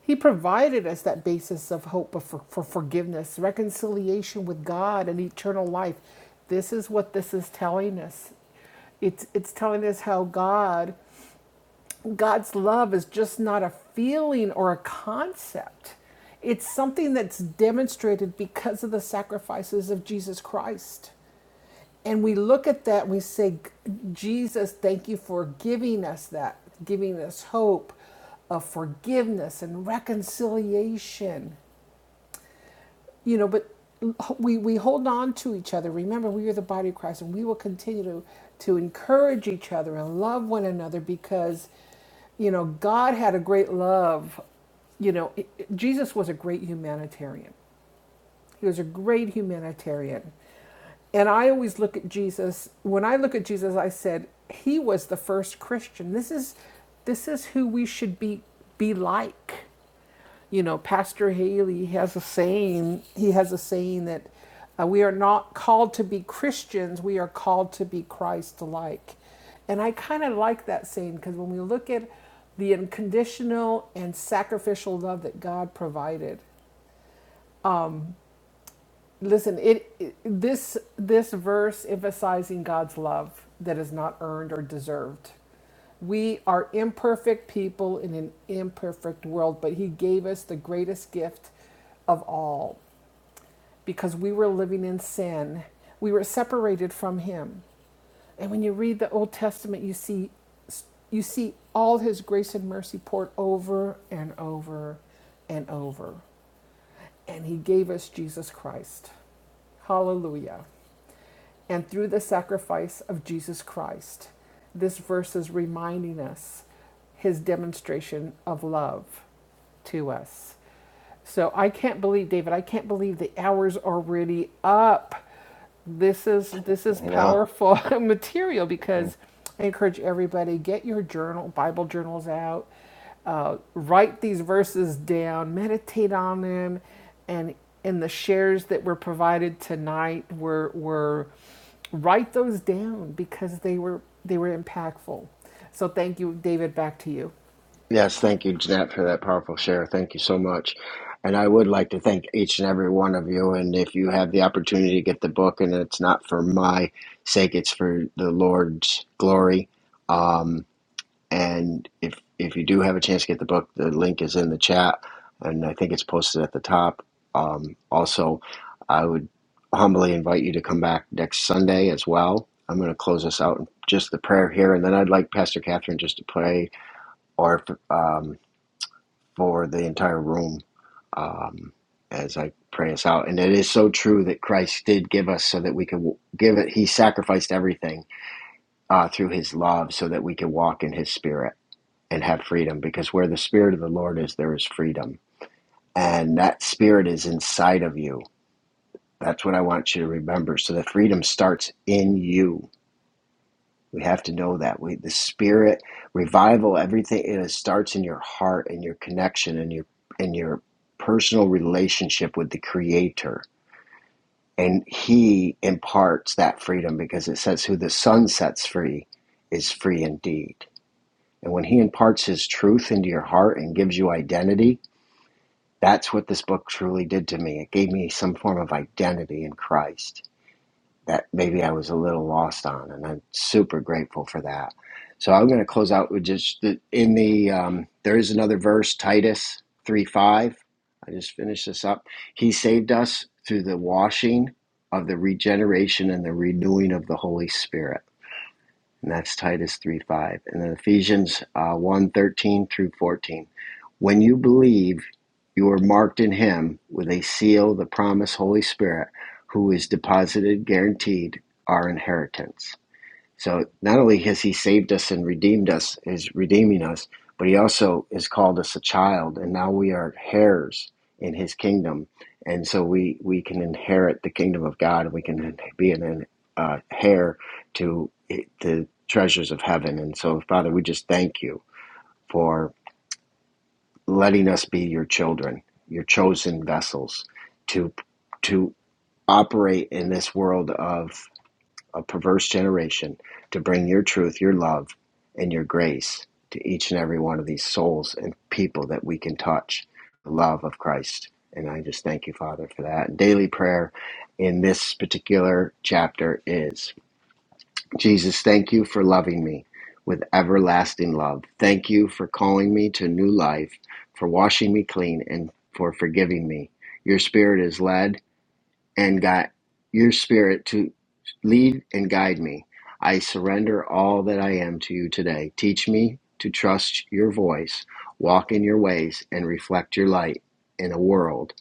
S11: He provided us that basis of hope for, for forgiveness, reconciliation with God, and eternal life. This is what this is telling us. It's, it's telling us how God God's love is just not a feeling or a concept. It's something that's demonstrated because of the sacrifices of Jesus Christ. And we look at that and we say, Jesus, thank you for giving us that, giving us hope of forgiveness and reconciliation you know but we we hold on to each other remember we are the body of christ and we will continue to to encourage each other and love one another because you know god had a great love you know it- it- jesus was a great humanitarian he was a great humanitarian and i always look at jesus when i look at jesus i said he was the first christian this is this is who we should be be like you know, Pastor Haley has a saying, he has a saying that uh, we are not called to be Christians, we are called to be Christ like And I kind of like that saying because when we look at the unconditional and sacrificial love that God provided, Listen, it, it this this verse emphasizing God's love that is not earned or deserved. We are imperfect people in an imperfect world, but he gave us the greatest gift of all because we were living in sin. We were separated from him. And when you read the Old Testament, you see you see all his grace and mercy poured over and over and over. And he gave us Jesus Christ. Hallelujah and through the sacrifice of Jesus Christ. This verse is reminding us his demonstration of love to us. So I can't believe, David, I can't believe the hour's already up. This is this is
S1: You know.
S11: powerful material because I encourage everybody get your journal, Bible journals out, uh, write these verses down, meditate on them, and in the shares that were provided tonight were were write those down because they were they were impactful. So thank you, David. Back to you.
S1: Yes, thank you, Jeanette, for that powerful share. Thank you so much. And I would like to thank each and every one of you. And if you have the opportunity to get the book, and it's not for my sake, it's for the Lord's glory. Um, and if if you do have a chance to get the book, the link is in the chat, and I think it's posted at the top. Um, also, I would humbly invite you to come back next Sunday as well. I'm going to close us out in just the prayer here, and then I'd like Pastor Catherine just to pray or if, um, for the entire room um, as I pray us out. And it is so true that Christ did give us so that we could give it. He sacrificed everything uh, through his love so that we could walk in his spirit and have freedom because where the spirit of the Lord is, there is freedom. And that spirit is inside of you. That's what I want you to remember. So the freedom starts in you We have to know that we, the spirit revival, everything it starts in your heart and your connection and your and your personal relationship with the Creator. And He imparts that freedom because it says, "Who the Son sets free is free indeed." And when He imparts His truth into your heart and gives you identity, that's what this book truly did to me. It gave me some form of identity in Christ that maybe I was a little lost on, and I'm super grateful for that. So I'm going to close out with just the, in the um, there is another verse Titus three five. I just finished this up. He saved us through the washing of the regeneration and the renewing of the Holy Spirit and that's Titus three five, And then Ephesians uh, 1:13 through 14. When you believe, you are marked in Him with a seal, the promise Holy Spirit, who is deposited, guaranteed our inheritance. So not only has he saved us and redeemed us, is redeeming us, but he also has called us a child, and now we are heirs in his kingdom, and so we we can inherit the kingdom of God, and we can be an uh, heir to the treasures of heaven. And so, Father, we just thank you for letting us be your children, your chosen vessels, to to operate in this world of a perverse generation, to bring your truth, your love, and your grace to each and every one of these souls and people that we can touch the love of Christ. And I just thank you, Father, for that. Daily prayer in this particular chapter is Jesus, thank you for loving me with everlasting love. Thank you for calling me to new life, for washing me clean, and for forgiving me. Your spirit is led and got your spirit to lead and guide me. I surrender all that I am to you today. Teach me to trust your voice, walk in your ways, and reflect your light in a world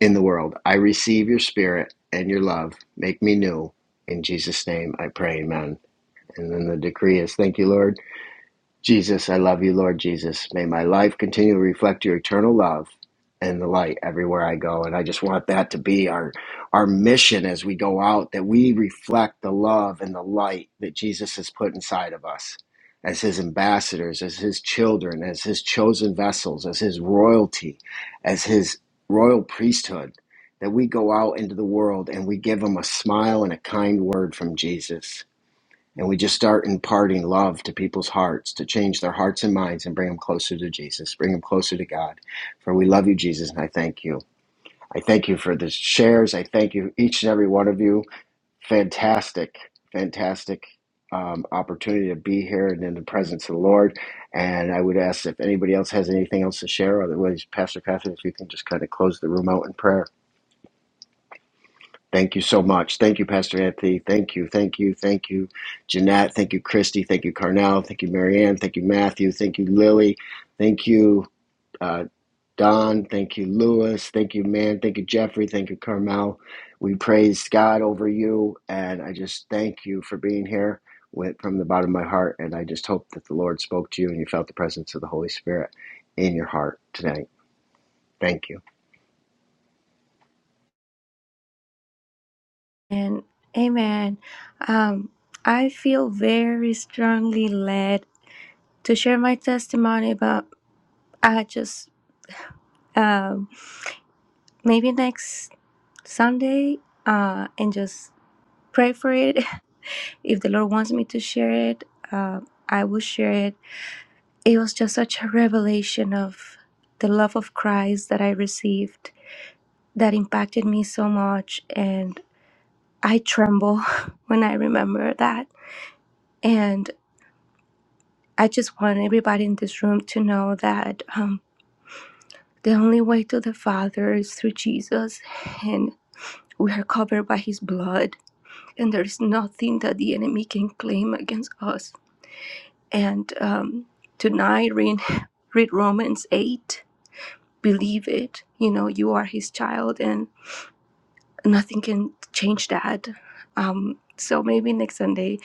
S1: in the world. I receive your spirit and your love. Make me new. In Jesus' name I pray, amen. And then the decree is thank you, Lord. Jesus, I love you, Lord Jesus. May my life continue to reflect your eternal love and the light everywhere I go. And I just want that to be our our mission as we go out, that we reflect the love and the light that Jesus has put inside of us as his ambassadors, as his children, as his chosen vessels, as his royalty, as his royal priesthood, that we go out into the world and we give them a smile and a kind word from Jesus and we just start imparting love to people's hearts to change their hearts and minds and bring them closer to Jesus, bring them closer to God. For we love you, Jesus, and I thank you. I thank you for the shares. I thank you, each and every one of you. Fantastic, fantastic um, opportunity to be here and in the presence of the Lord. And I would ask if anybody else has anything else to share. Otherwise, Pastor Catherine, if you can just kind of close the room out in prayer. Thank you so much. Thank you, Pastor Anthony. Thank you, thank you, thank you, Jeanette. Thank you, Christy. Thank you, Carnell. Thank you, Marianne. Thank you, Matthew. Thank you, Lily. Thank you, uh, Don. Thank you, Lewis. Thank you, man. Thank you, Jeffrey. Thank you, Carmel. We praise God over you, and I just thank you for being here with, from the bottom of my heart. And I just hope that the Lord spoke to you and you felt the presence of the Holy Spirit in your heart tonight. Thank you.
S15: And amen. Um, I feel very strongly led to share my testimony but I just um, maybe next Sunday uh, and just pray for it. If the Lord wants me to share it, uh, I will share it. It was just such a revelation of the love of Christ that I received that impacted me so much. And I tremble when I remember that. And I just want everybody in this room to know that um, the only way to the Father is through Jesus, and we are covered by His blood and there is nothing that the enemy can claim against us. and um, tonight read, read romans 8 believe it you know you are his child and nothing can change that um, so maybe next sunday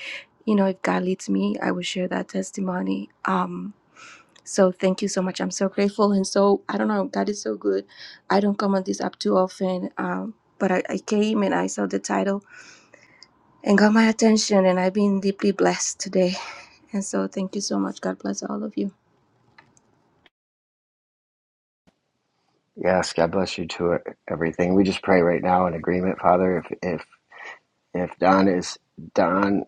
S15: you know if god leads me i will share that testimony um, so thank you so much i'm so grateful and so i don't know god is so good i don't come on this app too often um, but I, I came and i saw the title and got my attention and i've been deeply blessed today and so thank you so much god bless all of you
S1: Yes, God bless you to e-, everything. We just pray right now in agreement, Father. If if if Don is Don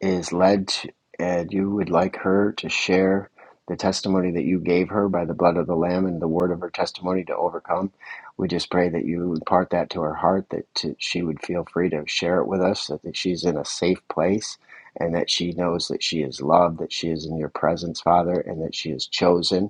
S1: is led, to, and you would like her to share the testimony that you gave her by the blood of the Lamb and the word of her testimony to overcome, we just pray that you impart that to her heart, that to, she would feel free to share it with us, that, that she's in a safe place, and that she knows that she is loved, that she is in your presence, Father, and that she is chosen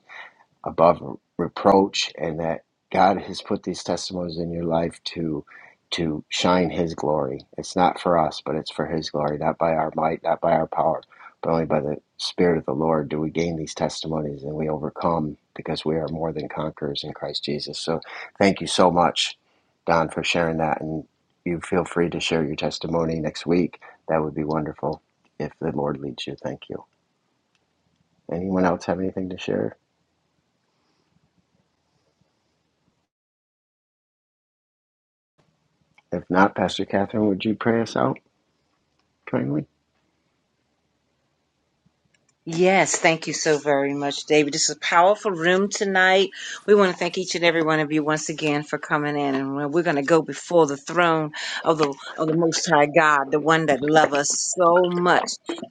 S1: above reproach and that God has put these testimonies in your life to to shine his glory. It's not for us, but it's for his glory, not by our might, not by our power, but only by the spirit of the Lord do we gain these testimonies and we overcome because we are more than conquerors in Christ Jesus. So thank you so much Don for sharing that and you feel free to share your testimony next week. That would be wonderful if the Lord leads you. Thank you. Anyone else have anything to share? If not, Pastor Catherine, would you pray us out kindly?
S9: Yes, thank you so very much, David. This is a powerful room tonight. We want to thank each and every one of you once again for coming in, and we're we're going to go before the throne of the of the Most High God, the one that loved us so much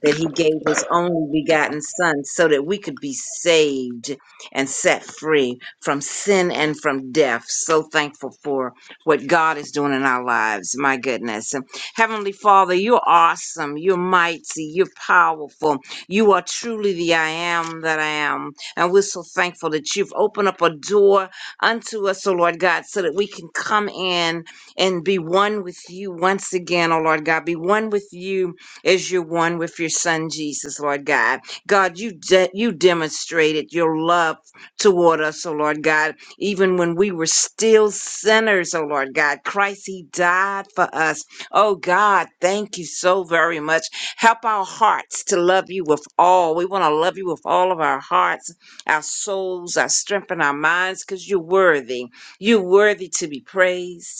S9: that He gave His only begotten Son, so that we could be saved and set free from sin and from death. So thankful for what God is doing in our lives. My goodness, Heavenly Father, you're awesome. You're mighty. You're powerful. You are truly the I am that I am. And we're so thankful that you've opened up a door unto us, oh Lord God, so that we can come in and be one with you once again, oh Lord God. Be one with you as you're one with your son Jesus, Lord God. God, you de- you demonstrated your love toward us, oh Lord God, even when we were still sinners, oh Lord God. Christ, He died for us. Oh God, thank you so very much Help our hearts to love you with all. We want to love you with all of our hearts, our souls, our strength, and our minds because you're worthy. You're worthy to be praised.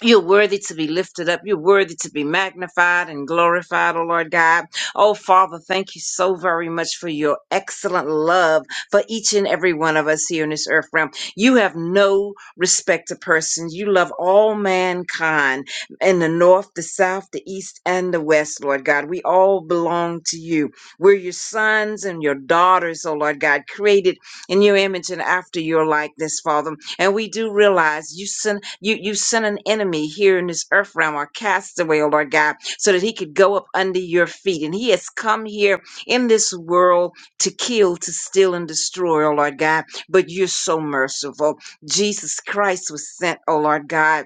S9: You're worthy to be lifted up. You're worthy to be magnified and glorified, oh Lord God. Oh Father, thank you so very much for your excellent love for each and every one of us here in this earth realm. You have no respect to persons. You love all mankind in the north, the south, the east, and the west, Lord God. We all belong to you. We're your sons and your daughters, oh Lord God, created in your image and after your likeness, Father. And we do realize you send you you sent an enemy here in this earth realm or castaway, oh Lord God, so that he could go up under your feet. And he has come here in this world to kill, to steal, and destroy, oh Lord God. But you're so merciful. Jesus Christ was sent, oh Lord God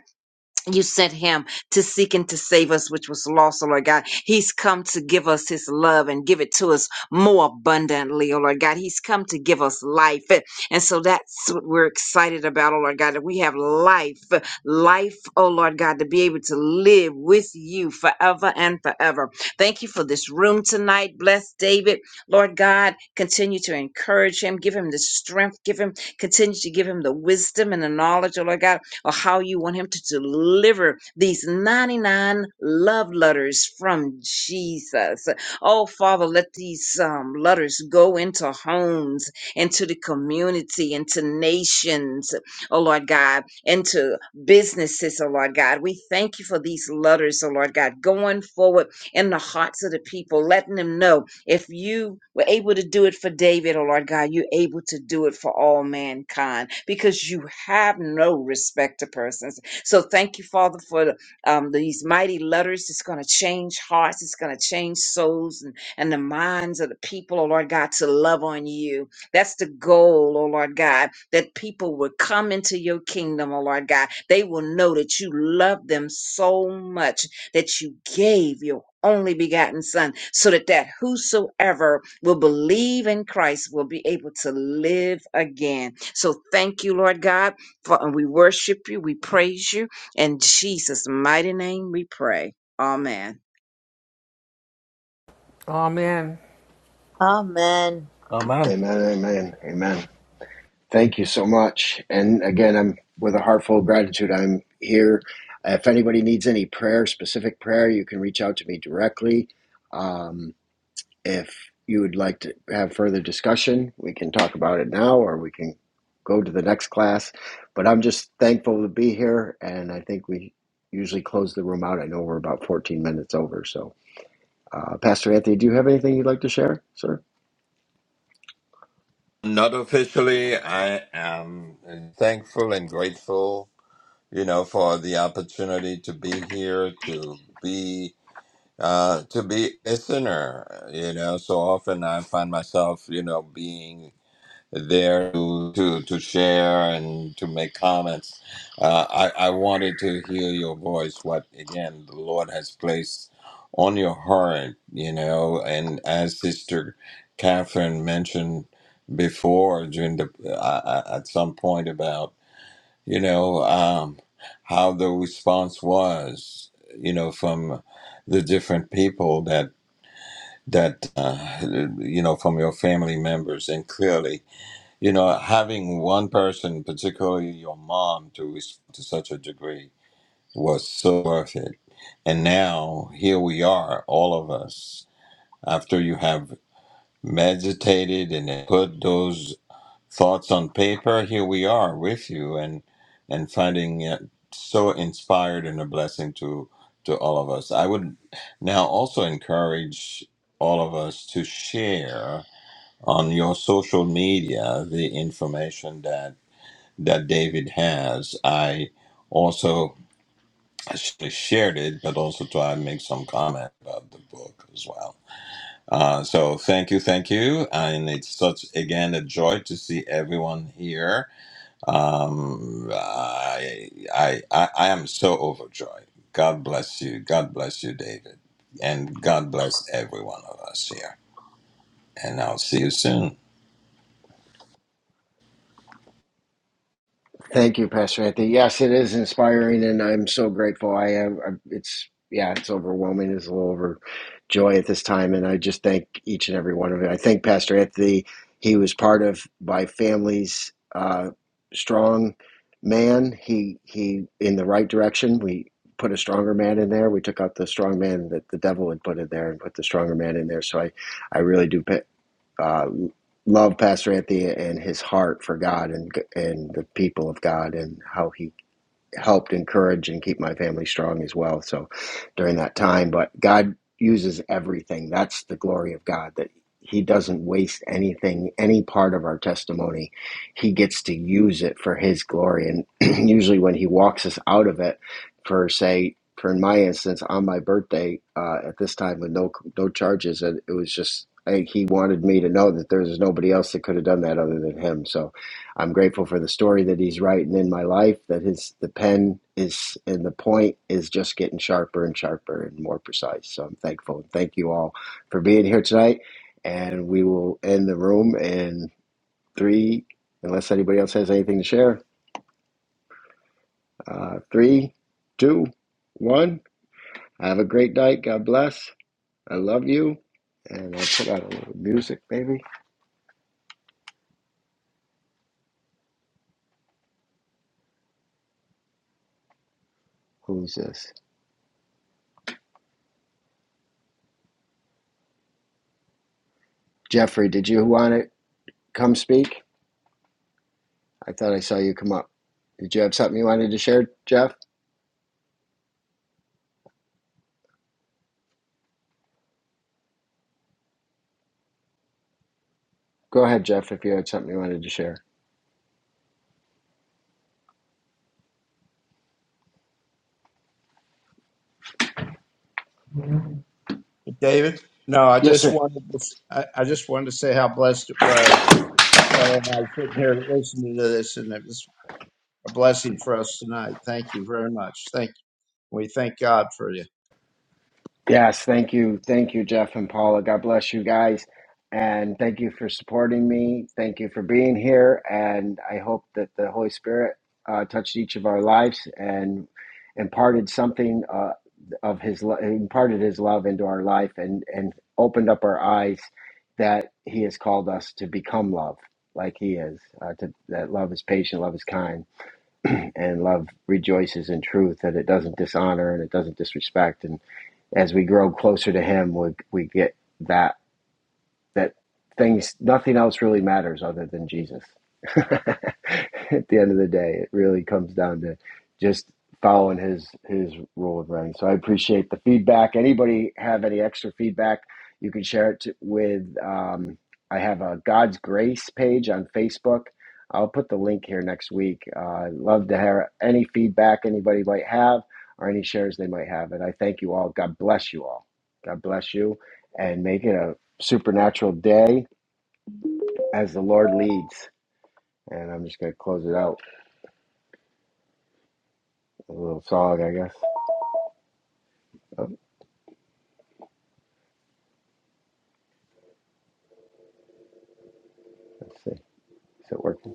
S9: you sent him to seek and to save us, which was lost, O Lord God. He's come to give us his love and give it to us more abundantly, O Lord God. He's come to give us life. And so that's what we're excited about, O Lord God, that we have life, life, O Lord God, to be able to live with you forever and forever. Thank you for this room tonight. Bless David, Lord God. Continue to encourage him, give him the strength, give him, continue to give him the wisdom and the knowledge, O Lord God or how you want him to deliver these 99 love letters from Jesus. Oh, Father, let these um, letters go into homes, into the community, into nations, oh Lord God, into businesses, oh Lord God. We thank you for these letters, oh Lord God, going forward in the hearts of the people, letting them know if you were able to do it for David, oh Lord God, you're able to do it for all mankind because you have no respect to persons. So thank you, Father, for um, these mighty letters. It's going to change hearts, it's going to change souls and, and the minds of the people, oh Lord God, to love on you. That's the goal, oh Lord God, that people will come into your kingdom, oh Lord God. They will know that you love them so much that you gave your only begotten Son, so that that whosoever will believe in Christ will be able to live again. So thank you, Lord God, for and we worship you, we praise you, in Jesus' mighty name we pray. Amen.
S11: Amen.
S3: Amen.
S13: Amen.
S1: Amen, amen, amen. Thank you so much. And again, I'm with a heart full of gratitude. I'm here. If anybody needs any prayer, specific prayer, you can reach out to me directly. Um, if you would like to have further discussion, we can talk about it now or we can go to the next class. But I'm just thankful to be here. And I think we usually close the room out. I know we're about 14 minutes over. So Uh, Pastor Anthony, do you have anything you'd like to share, sir?
S10: Not officially, I am thankful and grateful, you know, for the opportunity to be here, to be uh to be a listener you know so often i find myself you know being there to to, to share and to make comments. Uh, I, I wanted to hear your voice, what again the Lord has placed on your heart, you know, and as Sister Catherine mentioned before during the uh, uh, at some point about you know um, how the response was, you know, from the different people that that uh, you know from your family members and clearly you know, having one person, particularly your mom, to respond to such a degree was so worth it. And now here we are, all of us, after you have meditated and then put those thoughts on paper. Here we are with you, and and finding it so inspired and a blessing to to all of us. I would now also encourage all of us to share on your social media the information that that David has. I also I should have shared it, but also try and make some comment about the book as well. Uh, so thank you, thank you, and it's such again a joy to see everyone here. Um, I, I I I am so overjoyed. God bless you. God bless you, David, and God bless every one of us here. And I'll see you soon.
S1: Thank you, Pastor Anthony. Yes, it is inspiring, and I'm so grateful. I am. I'm- It's yeah, it's overwhelming. It's a little overjoy at this time, and I just thank each and every one of you. I thank Pastor Anthony. He was part of my family's uh, strong man. He he in the right direction. We put a stronger man in there. We took out the strong man that the devil had put in there, and put the stronger man in there. So I I really do. uh, love Pastor Anthony and his heart for God and and the people of God and how he helped encourage and keep my family strong as well. So during that time, but God uses everything. That's the glory of God that He doesn't waste anything, any part of our testimony. He gets to use it for His glory. And usually when He walks us out of it, for say, for in my instance, on my birthday uh, at this time with no no charges, and it was just. I, he wanted me to know that there was nobody else that could have done that other than him. So I'm grateful for the story that he's writing in my life. That his the pen is and the point is just getting sharper and sharper and more precise. So I'm thankful and thank you all for being here tonight. And we will end the room in three, unless anybody else has anything to share. Uh, three, two, one. Have a great night. God bless. I love you. And I'll put out a little music, baby. Who's this? Jeffrey, did you want to come speak? I thought I saw you come up. Did you have something you wanted to share, Jeff? Go ahead, Jeff, if you had something you wanted to share.
S16: David. No, I
S1: Yes,
S16: just
S1: sir.
S16: wanted to, s- I, I just wanted to say how blessed it was. Paul and I was sitting here listening to this, and it was a blessing for us tonight. Thank you very much. Thank we thank God for you.
S1: Yes, thank you. Thank you, Jeff and Paula. God bless you guys. And thank you for supporting me. Thank you for being here. And I hope that the Holy Spirit uh, touched each of our lives and imparted something uh, of His lo- imparted His love into our life and and opened up our eyes that He has called us to become love, like He is. Uh, to, that love is patient, love is kind, and love rejoices in truth. That it doesn't dishonor and it doesn't disrespect. And as we grow closer to Him, we we get that that things nothing else really matters other than Jesus. At the end of the day, it really comes down to just following his his rule of running. So I appreciate the feedback. Anybody have any extra feedback? You can share it with. Um, I have a God's Grace page on Facebook. I'll put the link here next week. Uh, I'd love to hear any feedback anybody might have or any shares they might have. And I thank you all. God bless you all. God bless you and make it a supernatural day as the Lord leads. And I'm just going to close it out with a little song, I guess. Oh, let's see. Is it working?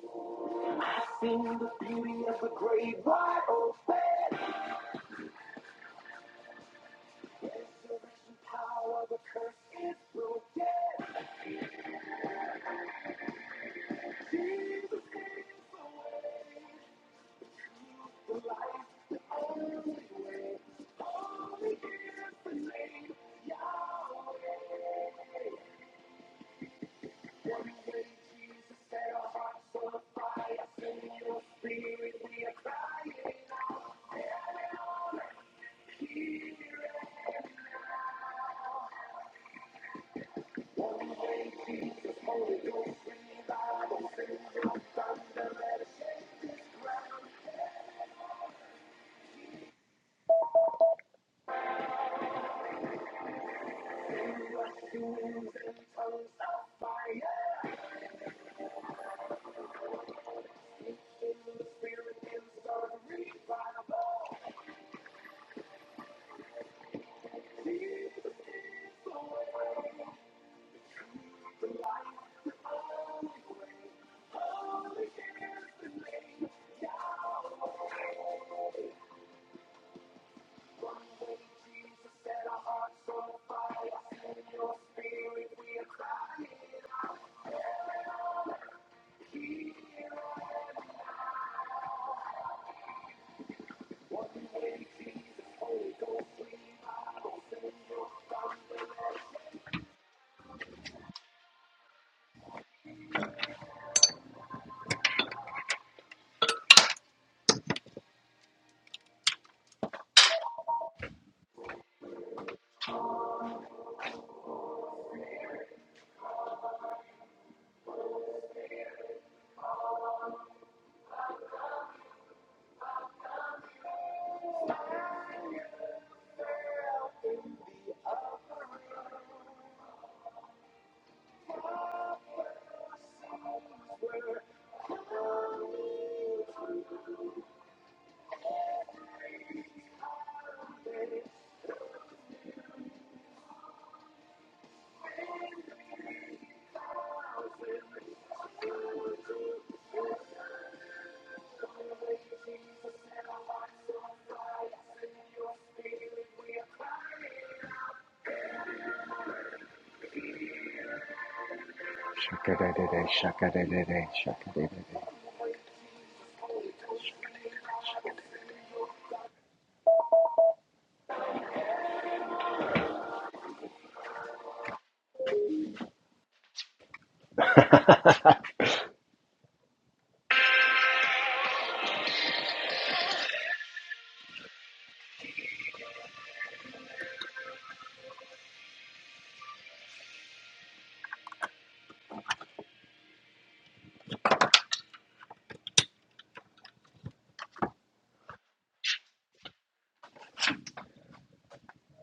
S1: Shaka-da-da-da, shaka-da-da-da, shaka-da-da-da.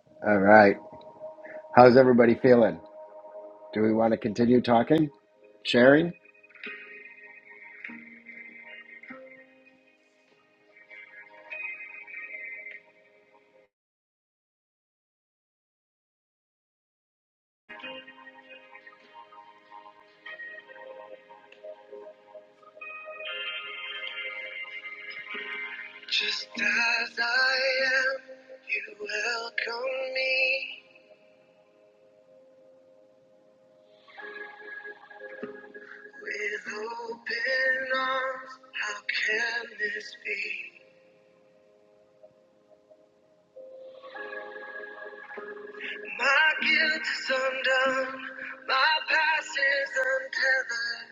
S1: All right. How's everybody feeling? Do we want to continue talking, sharing? Just as I am, you welcome me with open arms. How can this be? My guilt is undone, my past is untethered.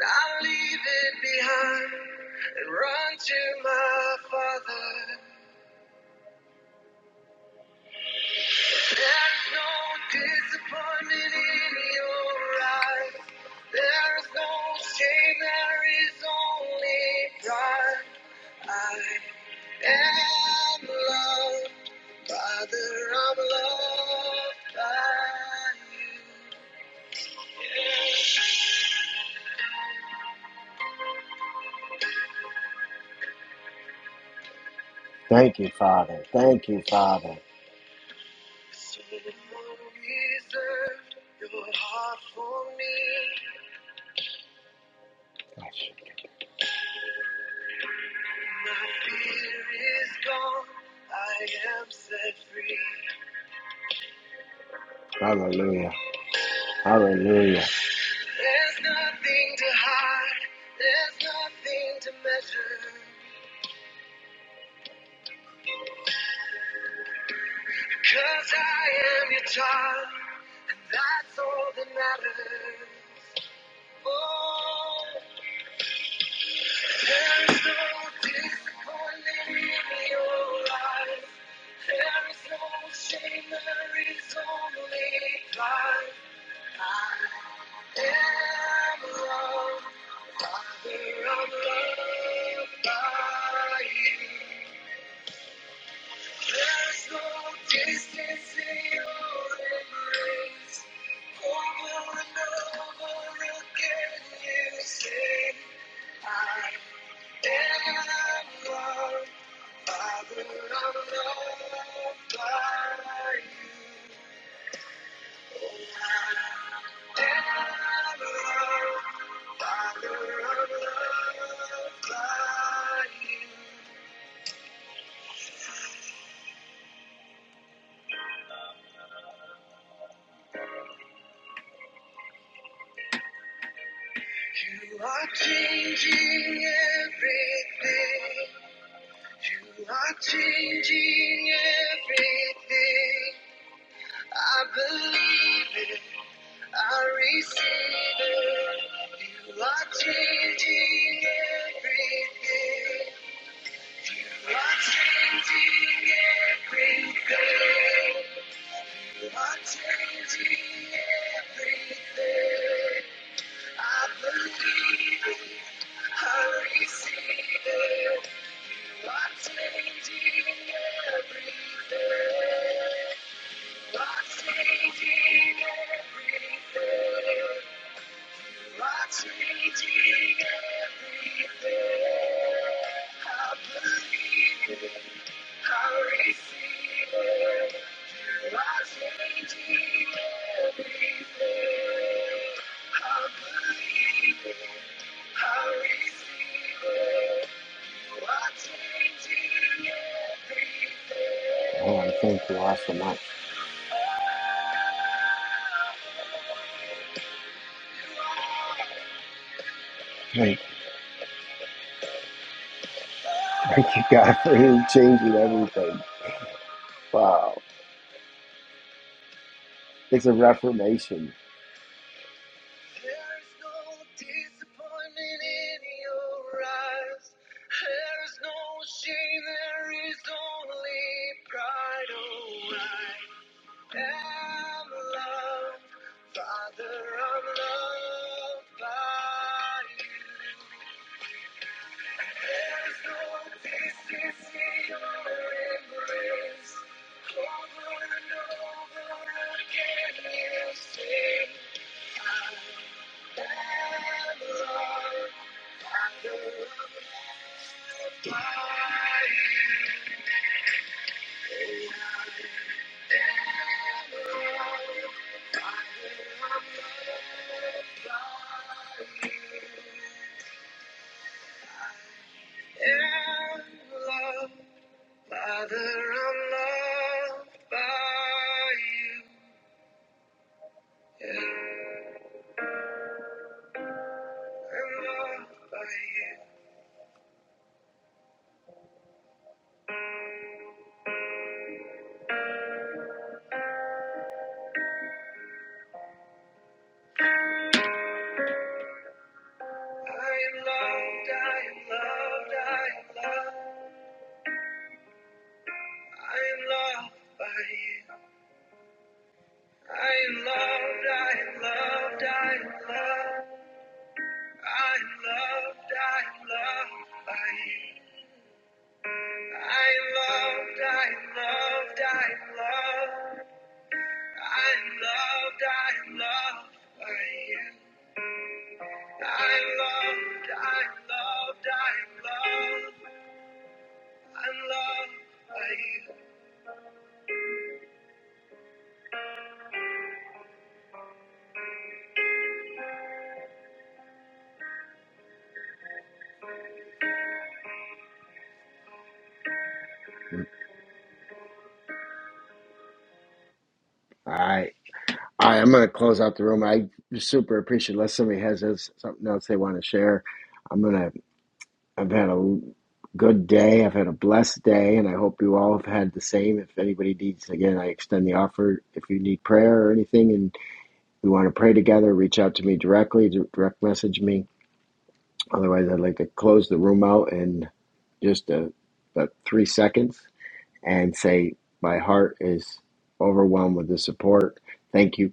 S1: I'll leave it behind and run to my Father. There's no disappointment in your eyes. There's no shame, there is only pride. I am loved, Father, I'm loved by you. Thank you, Father. Thank you, Father. Gosh. Hallelujah. Hallelujah. There's no disappointment in your life. There is no shame, there is only life. I am loved, Father, I'm loved by you. There's no distance in your embrace. Over and over again you say, I am loved. You are changing everything. You are changing everything. I believe it. I receive it. You are changing everything. You're changing everything. You're changing everything. I believe it. I receive it. You're changing everything. You're changing everything. You're changing it. I believe. I receive. it. You're changing I believe. I receive. Man, thank you all so much. Thank, thank you, God, for him changing everything. Wow. It's a reformation. Father, I'm loved by you. I'm loved by you. I am loved, I am loved, I am loved. I am loved by you. I am loved, I am loved, I am loved. I am loved, I am loved by you. I am loved, I am loved, I am loved. I am loved, I am loved by you. I am loved, I am loved, I am loved. I'm loved by you. All right. All right, I'm going to close out the room. I super appreciate unless somebody has this, something else they want to share. I'm going to, I've had a good day. I've had a blessed day, and I hope you all have had the same. If anybody needs, again, I extend the offer. If you need prayer or anything and we want to pray together, reach out to me directly, direct message me. Otherwise, I'd like to close the room out in just a, about three seconds and say, my heart is overwhelmed with the support. Thank you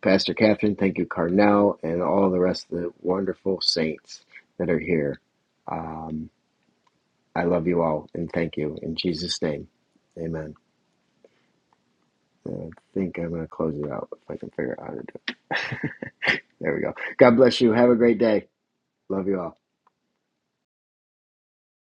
S1: Pastor Catherine, thank you, Carnell, and all the rest of the wonderful saints that are here. Um, I love you all and thank you in Jesus' name. Amen. And I think I'm going to close it out if I can figure out how to do it. There we go. God bless you. Have a great day. Love you all.